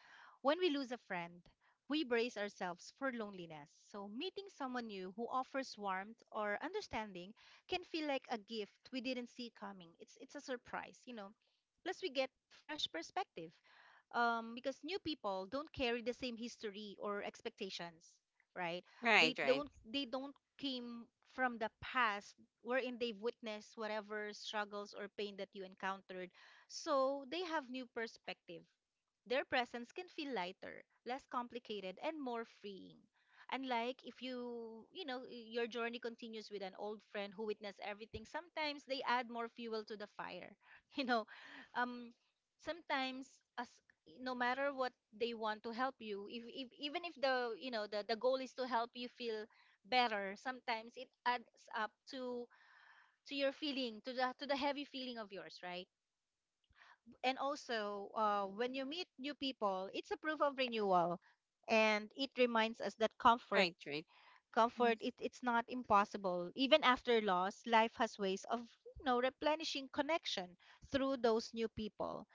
when we lose a friend, we brace ourselves for loneliness, so meeting someone new who offers warmth or understanding can feel like a gift we didn't see coming. It's a surprise, plus we get fresh perspective, because new people don't carry the same history or expectations, right? they Right, right, don't they don't came from the past, wherein they've witnessed whatever struggles or pain that you encountered. So they have new perspective. Their presence can feel lighter, less complicated, and more freeing. Unlike if you, you know, your journey continues with an old friend who witnessed everything, sometimes they add more fuel to the fire. You know, um, sometimes, as, no matter what, they want to help you, if even if the, the goal is to help you feel better, sometimes it adds up to your feeling, to the heavy feeling of yours, right? And also, when you meet new people, it's a proof of renewal, and it reminds us that comfort, right, right. Mm. comfort, it's not impossible. Even after loss, life has ways of, replenishing connection through those new people.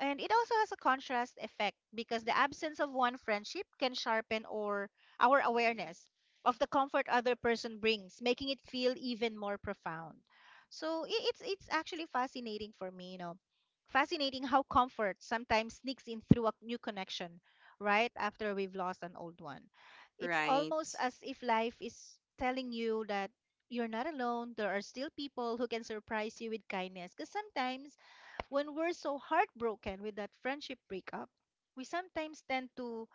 And it also has a contrast effect because the absence of one friendship can sharpen or our awareness of the comfort other person brings, making it feel even more profound. So it's actually fascinating for me, Fascinating how comfort sometimes sneaks in through a new connection right after we've lost an old one. It's Right. almost as if life is telling you that you're not alone. There are still people who can surprise you with kindness. Because sometimes when we're so heartbroken with that friendship breakup, we sometimes tend to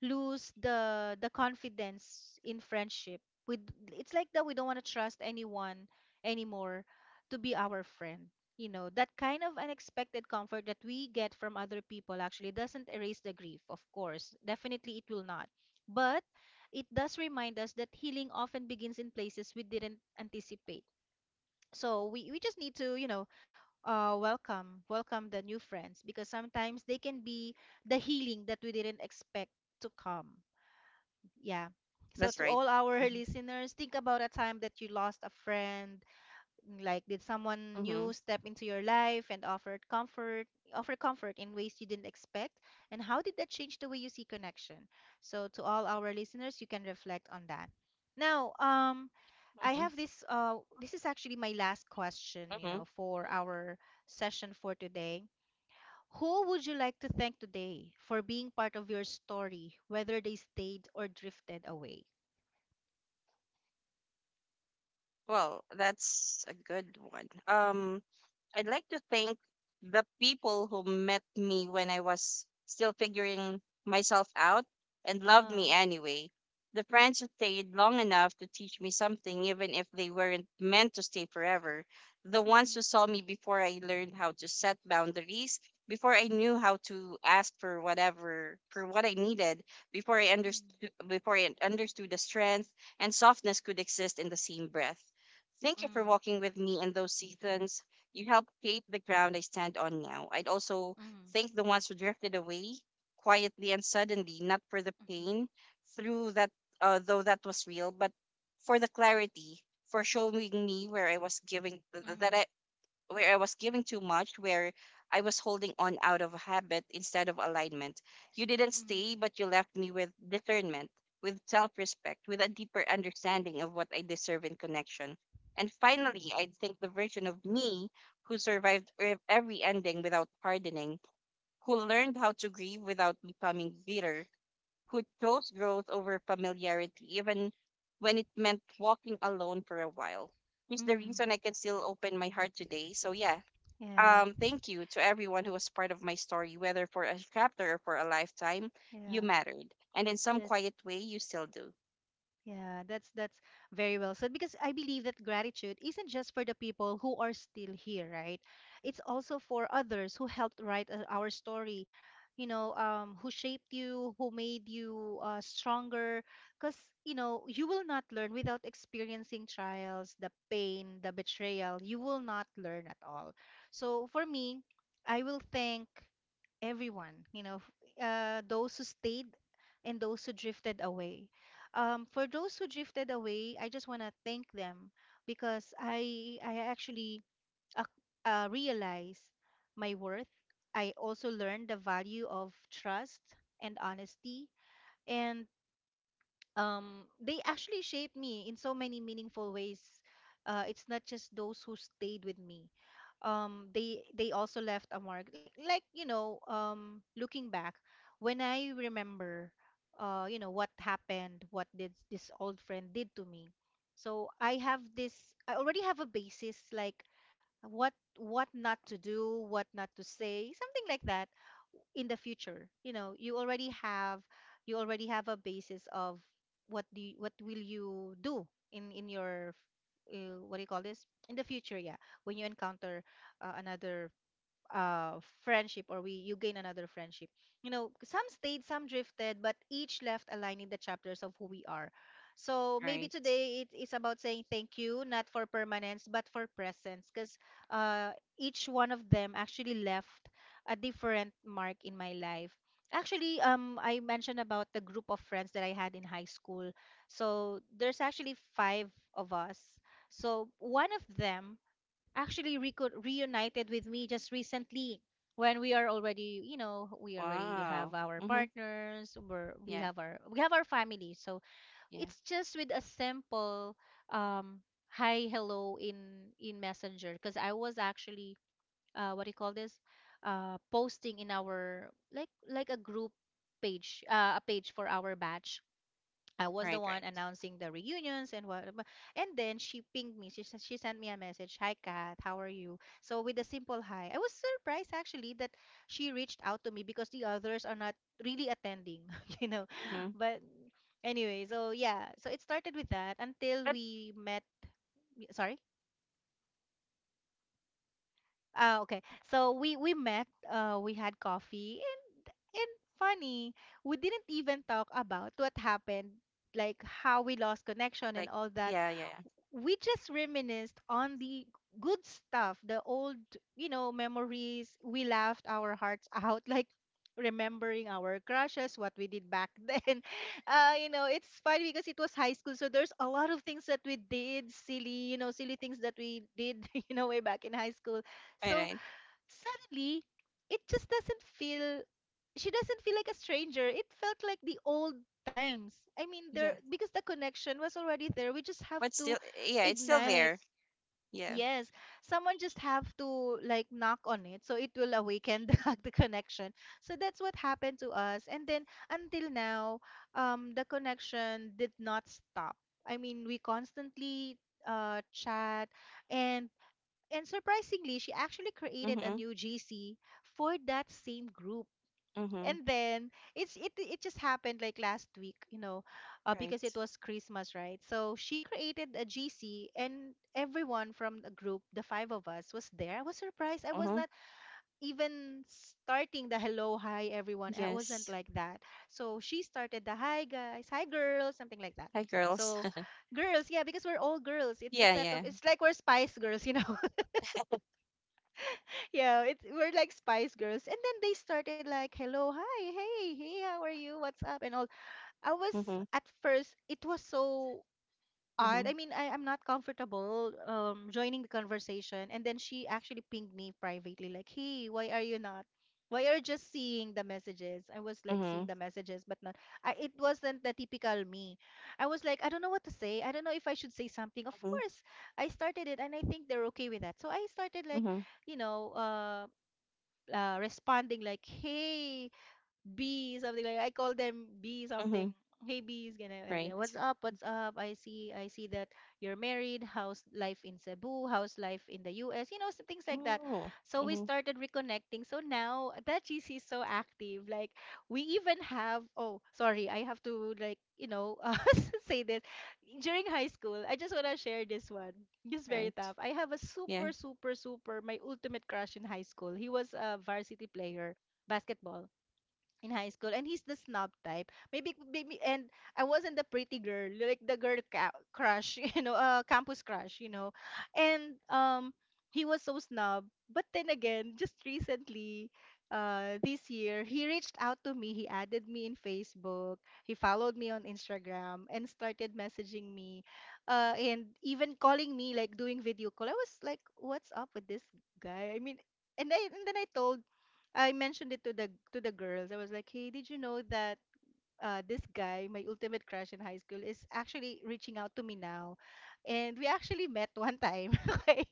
lose the confidence in friendship. It's like that we don't want to trust anyone anymore to be our friend. That kind of unexpected comfort that we get from other people actually doesn't erase the grief, of course. Definitely it will not. But it does remind us that healing often begins in places we didn't anticipate. So we just need to, welcome the new friends, because sometimes they can be the healing that we didn't expect to come. Yeah. So That's to right. all our listeners, think about a time that you lost a friend. Like, did someone Mm-hmm. new step into your life and offered comfort, offer comfort in ways you didn't expect? And how did that change the way you see connection? So, to all our listeners, you can reflect on that. Now, I have Mm-hmm. this, this is actually my last question, Mm-hmm. For our session for today. Who would you like to thank today for being part of your story, whether they stayed or drifted away? Well, that's a good one. I'd like to thank the people who met me when I was still figuring myself out and loved me Ah. anyway. The friends who stayed long enough to teach me something, even if they weren't meant to stay forever. The ones Mm-hmm. who saw me before I learned how to set boundaries, before I knew how to ask for what I needed, before I Mm, understood, before I understood the strength and softness could exist in the same breath. Thank you for walking with me in those seasons. You helped shape the ground I stand on now. I'd also mm, mm, thank the ones who drifted away quietly and suddenly, not for the pain, through that, though that was real, but for the clarity, for showing me where I was giving th- that mm. I where I was giving too much, where I was holding on out of habit instead of alignment. You didn't Mm, stay, but you left me with discernment, with self respect, with a deeper understanding of what I deserve in connection. And finally, I think the version of me who survived every ending without pardoning, who learned how to grieve without becoming bitter, who chose growth over familiarity, even when it meant walking alone for a while is the mm, reason I can still open my heart today. So yeah, yeah, thank you to everyone who was part of my story, whether for a chapter or for a lifetime. You yeah, mattered. And in some that quiet way, you still do. Yeah, that's very well said, because I believe that gratitude isn't just for the people who are still here, right? It's also for others who helped write our story, who shaped you, who made you stronger. Because, you will not learn without experiencing trials, the pain, the betrayal. You will not learn at all. So for me, I will thank everyone, those who stayed and those who drifted away. For those who drifted away, I just want to thank them, because I actually uh, realized my worth. I also learned the value of trust and honesty, and they actually shaped me in so many meaningful ways. It's not just those who stayed with me. They also left a mark. Like you know, looking back, when I remember, you know what happened, what did this old friend did to me. So I have this. I already have a basis, like what not to do, what not to say, something like that in the future. You know, you already have a basis of what will you do in your what do you call this in the future? Yeah, when you encounter another uh friendship, or we you gain another friendship. You know, some stayed, some drifted, but each left aligning the chapters of who we are. So maybe Right. today it is about saying thank you not for permanence but for presence, because uh each one of them actually left a different mark in my life. Actually, I mentioned about the group of friends that I had in high school. So there's actually 5 of us. So one of them actually reunited with me just recently, when we are already, you know, we already have Wow. our Mm-hmm. partners, Yeah. We have our family. So Yeah. it's just with a simple um hi, hello in Messenger, because I was actually what do you call this, posting in our, like a group page, a page for our batch. I was the Right. one Right. announcing the reunions and what, and then she pinged me. She she sent me a message. Hi, Kat. How are you? So with a simple hi, I was surprised actually that she reached out to me because the others are not really attending, you know. Mm-hmm. But anyway, so yeah, so it started with that until But, we met. Sorry. Okay. So we met, we had coffee, and funny, we didn't even talk about what happened, like how we lost connection and like, all that. yeah. Yeah. Yeah. We just reminisced on the good stuff, the old, you know, memories. We laughed our hearts out, like remembering our crushes, what we did back then. You know, it's funny because it was high school, so there's a lot of things that we did, silly, you know, silly things that we did, you know, way back in high school. Right. So Right. suddenly, it just doesn't feel, she doesn't feel like a stranger. It felt like the old times. I mean, Yeah. there, because the connection was already there. We just have But to still, yeah, it's still ignite. there. Yeah. Yes, someone just have to, like, knock on it so it will awaken the connection. So that's what happened to us. And then until now, the connection did not stop. I mean, we constantly chat and surprisingly, she actually created a Mm-hmm. new GC for that same group. Mm-hmm. And then it just happened like last week, you know, because Right. it was Christmas, right? So she created a GC, and everyone from the group, the 5 of us, was there. I was surprised. I was Uh-huh. not even starting the hello, hi, everyone. I wasn't Yes. like that. So she started the hi guys, hi girls, something like that. Hi, girls. So girls, yeah, because we're all girls. It's a yeah. set of, Yeah. it's like we're Spice Girls, you know. Yeah, it's we're like Spice Girls. And then they started like, "Hello, hi, hey, hey, how are you? What's up?" and all. I was, Mm-hmm. at first it was so odd. Mm-hmm. I mean, I'm not comfortable joining the conversation. And then she actually pinged me privately like, "Hey, why are you not? Why are you just seeing the messages?" I was like seeing Mm-hmm. the messages, but not. I, it wasn't the typical me. I was like, I don't know what to say. I don't know if I should say something. Of Mm-hmm. course, I started it, and I think they're okay with that. So I started like, Mm-hmm. you know, responding like, "Hey, B," something like, I call them B something. Mm-hmm. Hey B's gonna like that. Right. What's up? What's up? I see that you're married. How's life in Cebu? How's life in the US? You know, some things like that. Oh. So we Mm-hmm. started reconnecting. So now that GC is so active. Like, we even have, oh sorry, I have to, like, you know, say this. During high school, I just wanna share this one. It's very Right. tough. I have a Yeah. super, super, super, my ultimate crush in high school. He was a varsity player, basketball in high school, and he's the snob type, maybe, and I wasn't the pretty girl, like the girl, crush you know, campus crush, you know. And he was so snob. But then again, just recently, this year, he reached out to me. He added me in Facebook, he followed me on Instagram, and started messaging me, and even calling me, like doing video call. I was like, what's up with this guy? I mean, I, and then I told I mentioned it to the girls. I was like, "Hey, did you know that this guy, my ultimate crush in high school, is actually reaching out to me now?" And we actually met one time. Okay,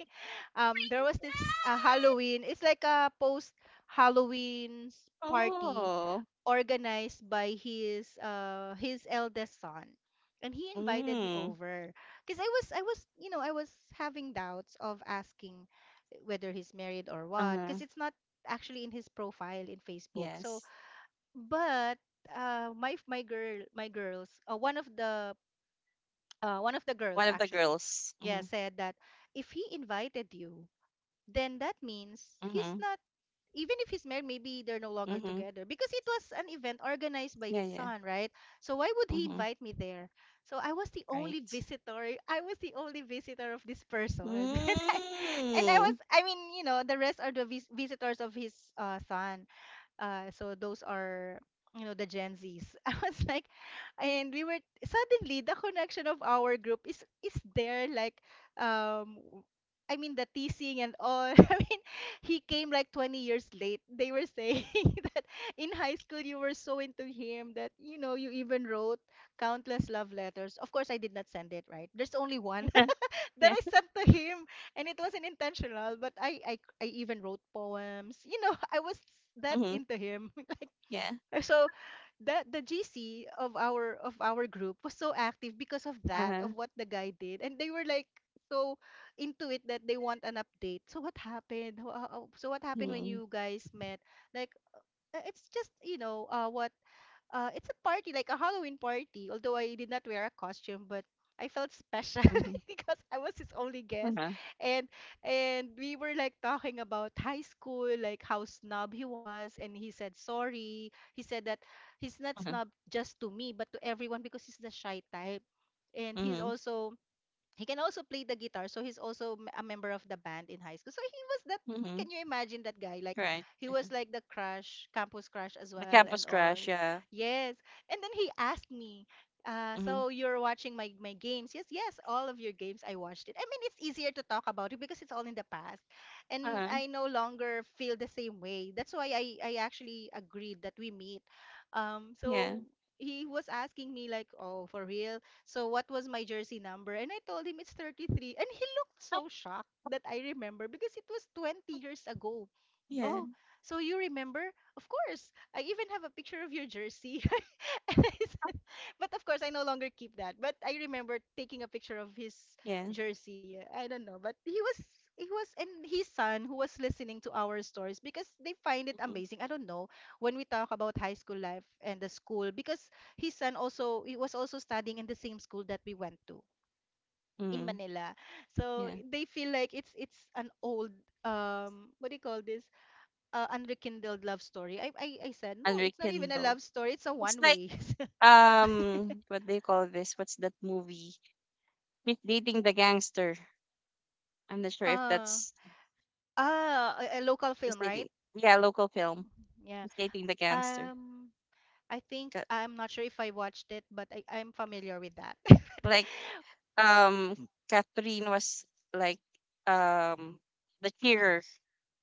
there was this Halloween. It's like a post Halloween party Oh. organized by his eldest son, and he invited me Mm. over because I was having doubts of asking whether he's married or what, because Uh-huh. it's not actually in his profile in Facebook. So, Yes. but my girls, one of the girls One of the actually, girls. yeah, Mm-hmm. said that if he invited you, then that means he's Mm-hmm. not. Even if he's married, maybe they're no longer Mm-hmm. together, because it was an event organized by his Yeah, yeah. son, right? So why would he Mm-hmm. invite me there? So I was the only Right. visitor. I was the only visitor of this person, and I was, Mm. I mean, the rest are the visitors of his son. So those are, the Gen Zs. I was like, and we were suddenly the connection of our group is there. Like, um, w- I mean the teasing and all. I mean, he came like 20 years late. They were saying that in high school, you were so into him that you even wrote countless love letters. Of course, I did not send it, right? There's only one that Yeah. I Yeah. sent to him, and it wasn't intentional. But I even wrote poems. I was that Mm-hmm. into him. Yeah. So that the GC of our group was so active because of that, of Uh-huh. what the guy did, and they were like so into it that they want an update. So what happened? So what happened when Mm-hmm. you guys met? Like, it's just, you know what it's a party, like a Halloween party, although I did not wear a costume, but I felt special Mm-hmm. because I was his only guest. Uh-huh. And and we were like talking about high school, like how snob he was, and he said sorry. He said that he's not Uh-huh. snob just to me, but to everyone because he's the shy type. And he's Mm-hmm. also, he can also play the guitar, so he's also a member of the band in high school, so he was that. Mm-hmm. Can you imagine that guy? Like, Right. he was like the crush campus crush as The well, and campus all. crash, yeah. Yes. And then he asked me, Mm-hmm. "So you're watching my, my games?" Yes, yes, all of your games, I watched it. I mean, it's easier to talk about it because it's all in the past, and Uh-huh. I no longer feel the same way. That's why I actually agreed that we meet. um, Yeah. so he was asking me like, "Oh, for real, so what was my jersey number?" And I told him it's 33. And he looked Oh. so shocked that I remember, because it was 20 years ago. Yeah. Oh, so you remember? Of course. I even have a picture of your jersey. But of course, I no longer keep that. But I remember taking a picture of his Yeah. jersey. I don't know, but he was. And his son, who was listening to our stories because they find it Mm-hmm. amazing, I don't know, when we talk about high school life and the school, because his son, also, he was also studying in the same school that we went to in Mm-hmm. Manila. So Yeah. they feel like it's an old, what do you call this? Unrekindled love story. I said no, it's not even a Unrekindled. love story. It's a It's one like way. What do you call this? What's that movie? She's Dating the Gangster. I'm not sure if uh that's. Ah, a local She's film, right? Dating. Yeah, local film. Yeah. She's Dating the Gangster. Um, I think Ca- I'm not sure if I watched it, but I'm familiar with that. Like um Catherine was like um the cheerer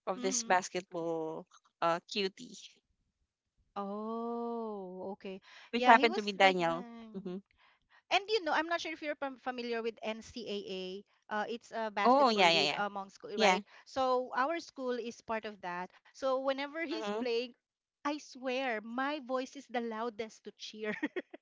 of this Hmm. basketball cutie, Oh, okay. which Yeah, he happened to was be like the. Daniel. Hmm. And I'm not sure if you're familiar with NCAA. It's a Oh basketball yeah, yeah, league yeah, among school, yeah. right? So our school is part of that. So whenever he's Mm-hmm. playing, I swear my voice is the loudest to cheer.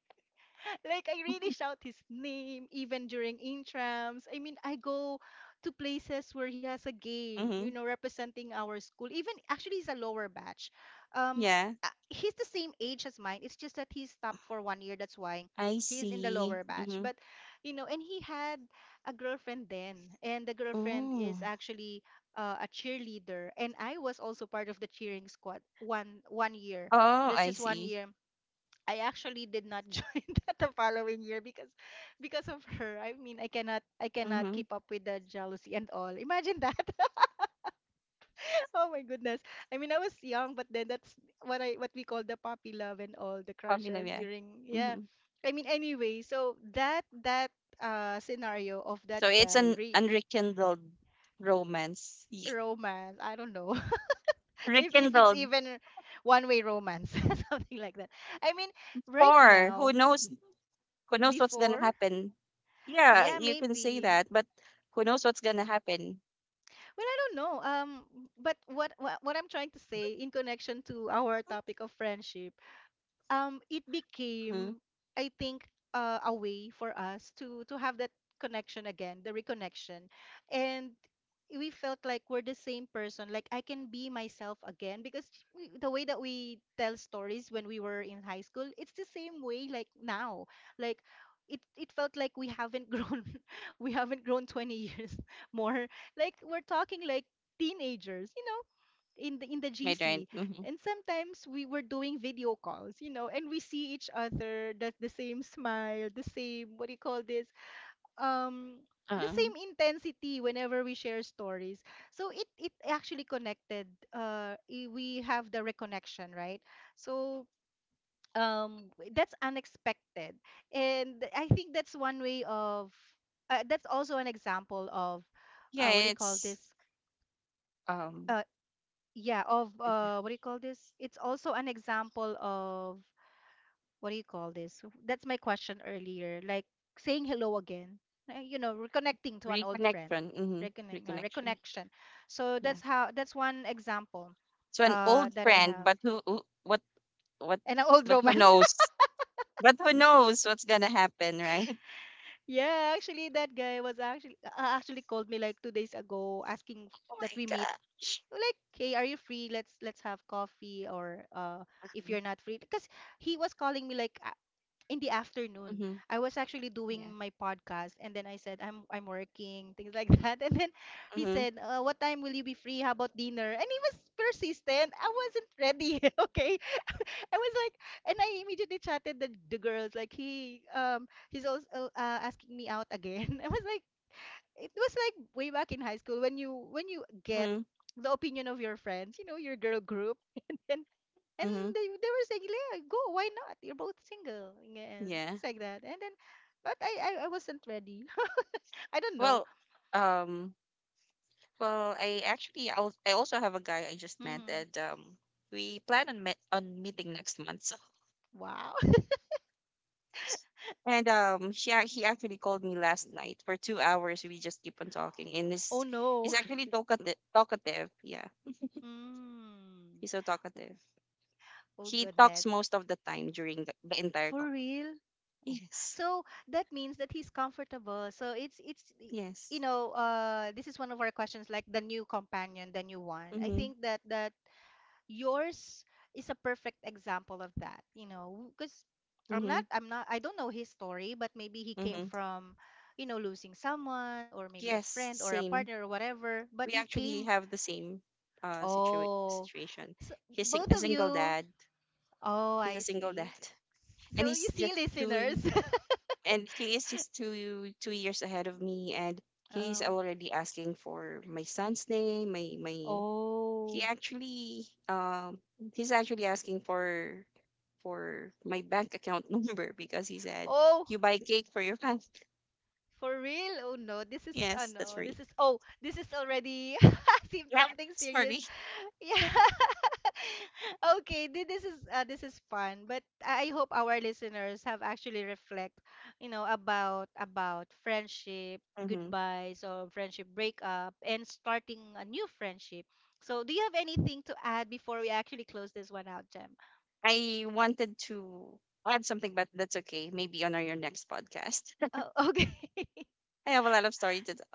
Like, I really shout his name even during intrams. I mean, I go to places where he has a game, Mm-hmm. Representing our school. Even actually, he's a lower batch. Um, Yeah, he's the same age as mine. It's just that he stopped for one year. That's why I he's in the see. lower batch. Mm-hmm. But, you know, and he had a girlfriend then, and the girlfriend is Oh, actually, a cheerleader, and I was also part of the cheering squad one year. oh, That's I just one see. year. I actually did not join that the following year because of her. I mean, I cannot, I cannot Mm-hmm. keep up with the jealousy and all. Imagine that. Oh my goodness. I mean, I was young, but then that's what we call the puppy love, and all the Popular, crushes yeah. during, yeah. Mm-hmm. I mean, anyway, so that scenario of that So it's guy, an re unrekindled romance. Romance, I don't know. If it's Rekindled even one way romance, something like that. I mean, right or who now, knows, who knows what's gonna before, happen. Yeah, yeah, you can say maybe. that, but who knows what's gonna happen. Well, I don't know. But what, what I'm trying to say, in connection to our topic of friendship, it Mm-hmm. became, I think, a way for us to have that connection again, the reconnection. And we felt like we're the same person, like I can be myself again because we, the way that we tell stories when we were in high school, it's the same way, like now. Like it felt like we haven't grown we haven't grown 20 years more. Like, we're talking like teenagers, in the Right, right. GC. Mm-hmm. And sometimes we were doing video calls, you know, and we see each other, the same smile, the same, what do you call this? Um the Uh, same intensity whenever we share stories. So it actually connected. We have the reconnection, right? So, that's unexpected. And I think that's one way of, that's also an example of, what do yeah, you call it's this? um Uh yeah, of, yeah. What do you call this, it's also an example of, what do you call this, that's my question earlier, like, saying hello again, reconnecting to an old friend. Reconnection. Mm-hmm. Reconnection. Reconnection. So Yeah. that's how, that's one example So an old that I friend, have. but what And an old who romance. knows? But who knows what's gonna happen, right? Yeah, actually that guy was actually, actually called me like 2 days ago asking Oh that my we meet. gosh. Like, "Hey, are you free? Let's, let's have coffee, or, if Mm-hmm. you're not free," because he was calling me like in the afternoon. Mm-hmm. I was actually Yeah. doing my podcast, and then I said, I'm working," things like that. And then he Mm-hmm. said, "What time will you be free? How about dinner?" And he was persistent. I wasn't ready. Okay, I was like, and I immediately chatted the girls, like, "He, he's also, asking me out again." I was like, it was like way back in high school when you get Mm-hmm. the opinion of your friends, you know, your girl group, and then, and Mm-hmm. They were saying, "Leah, go, why not? You're both single." Yeah, and Yeah. things like that. And then, but I wasn't ready. I don't know. Well, um, well, I actually I also have a guy I just met, Hmm. and we plan on met on meeting next month. So, Wow. and he actually called me last night for 2 hours. We just keep on talking, and Oh this he's no. actually talkative. Talkative, yeah. Mm. He's so Oh talkative. oh, He talks goodness. most of the time during the entire call. For real? Oh. Yes. So that means that he's comfortable. So Yes. This is one of our questions, like the new companion, the new one. I Mm-hmm. think that yours is a perfect example of that, you know, because Mm-hmm. I don't know his story, but maybe he came Mm-hmm. from, losing someone, or maybe a Yes. friend or a Same. partner or whatever, but We you actually came. have the same Oh, situation. so He's sing- both a of single you. dad. Oh, He's a I single see. dad, and So, you see, listeners, he is just two years ahead of me, and he's um already asking for my son's name. My he oh, actually He's actually asking for my bank account number because he said oh, you buy cake for your family. for real? Oh no, this is, Yes, that's no, right. this is, oh, this is already seems Yeah, something serious. sorry. Yeah. Okay, this is fun, but I hope our listeners have actually reflect, about friendship Mm-hmm. goodbyes, or friendship breakup, and starting a new friendship. So, do you have anything to add before we actually close this one out, Jem? I wanted to add something, but that's okay. Maybe on our your next podcast. Oh, okay. I have a lot of story to tell.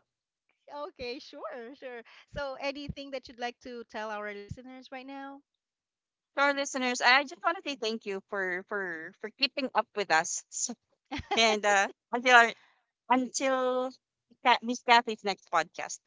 Okay, sure, sure. So, anything that you'd like to tell our listeners right now? To our listeners, I just want to say thank you for keeping up with us. So, and until until Miss Kathy's next podcast.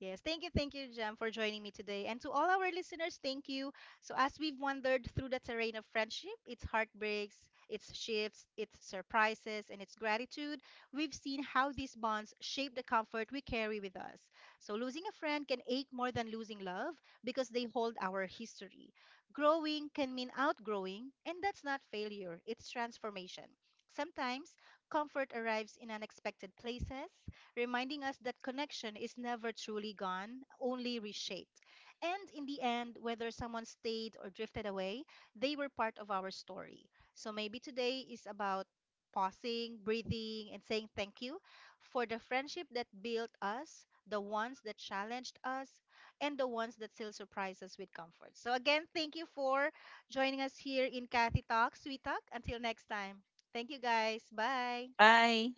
Yes, thank you, Jam, for joining me today. And to all our listeners, thank you. So, as we've wandered through the terrain of friendship, its heartbreaks, its shifts, its surprises, and its gratitude, we've seen how these bonds shape the comfort we carry with us. So, losing a friend can ache more than losing love because they hold our history. Growing can mean outgrowing, and that's not failure, it's transformation. Sometimes comfort arrives in unexpected places, reminding us that connection is never truly gone, only reshaped. And in the end, whether someone stayed or drifted away, they were part of our story. So maybe today is about pausing, breathing, and saying thank you for the friendship that built us, the ones that challenged us, and the ones that still surprise us with comfort. So again, thank you for joining us here in Kathy Talks, Sweet Talk. Until next time. Thank you, guys. Bye. Bye.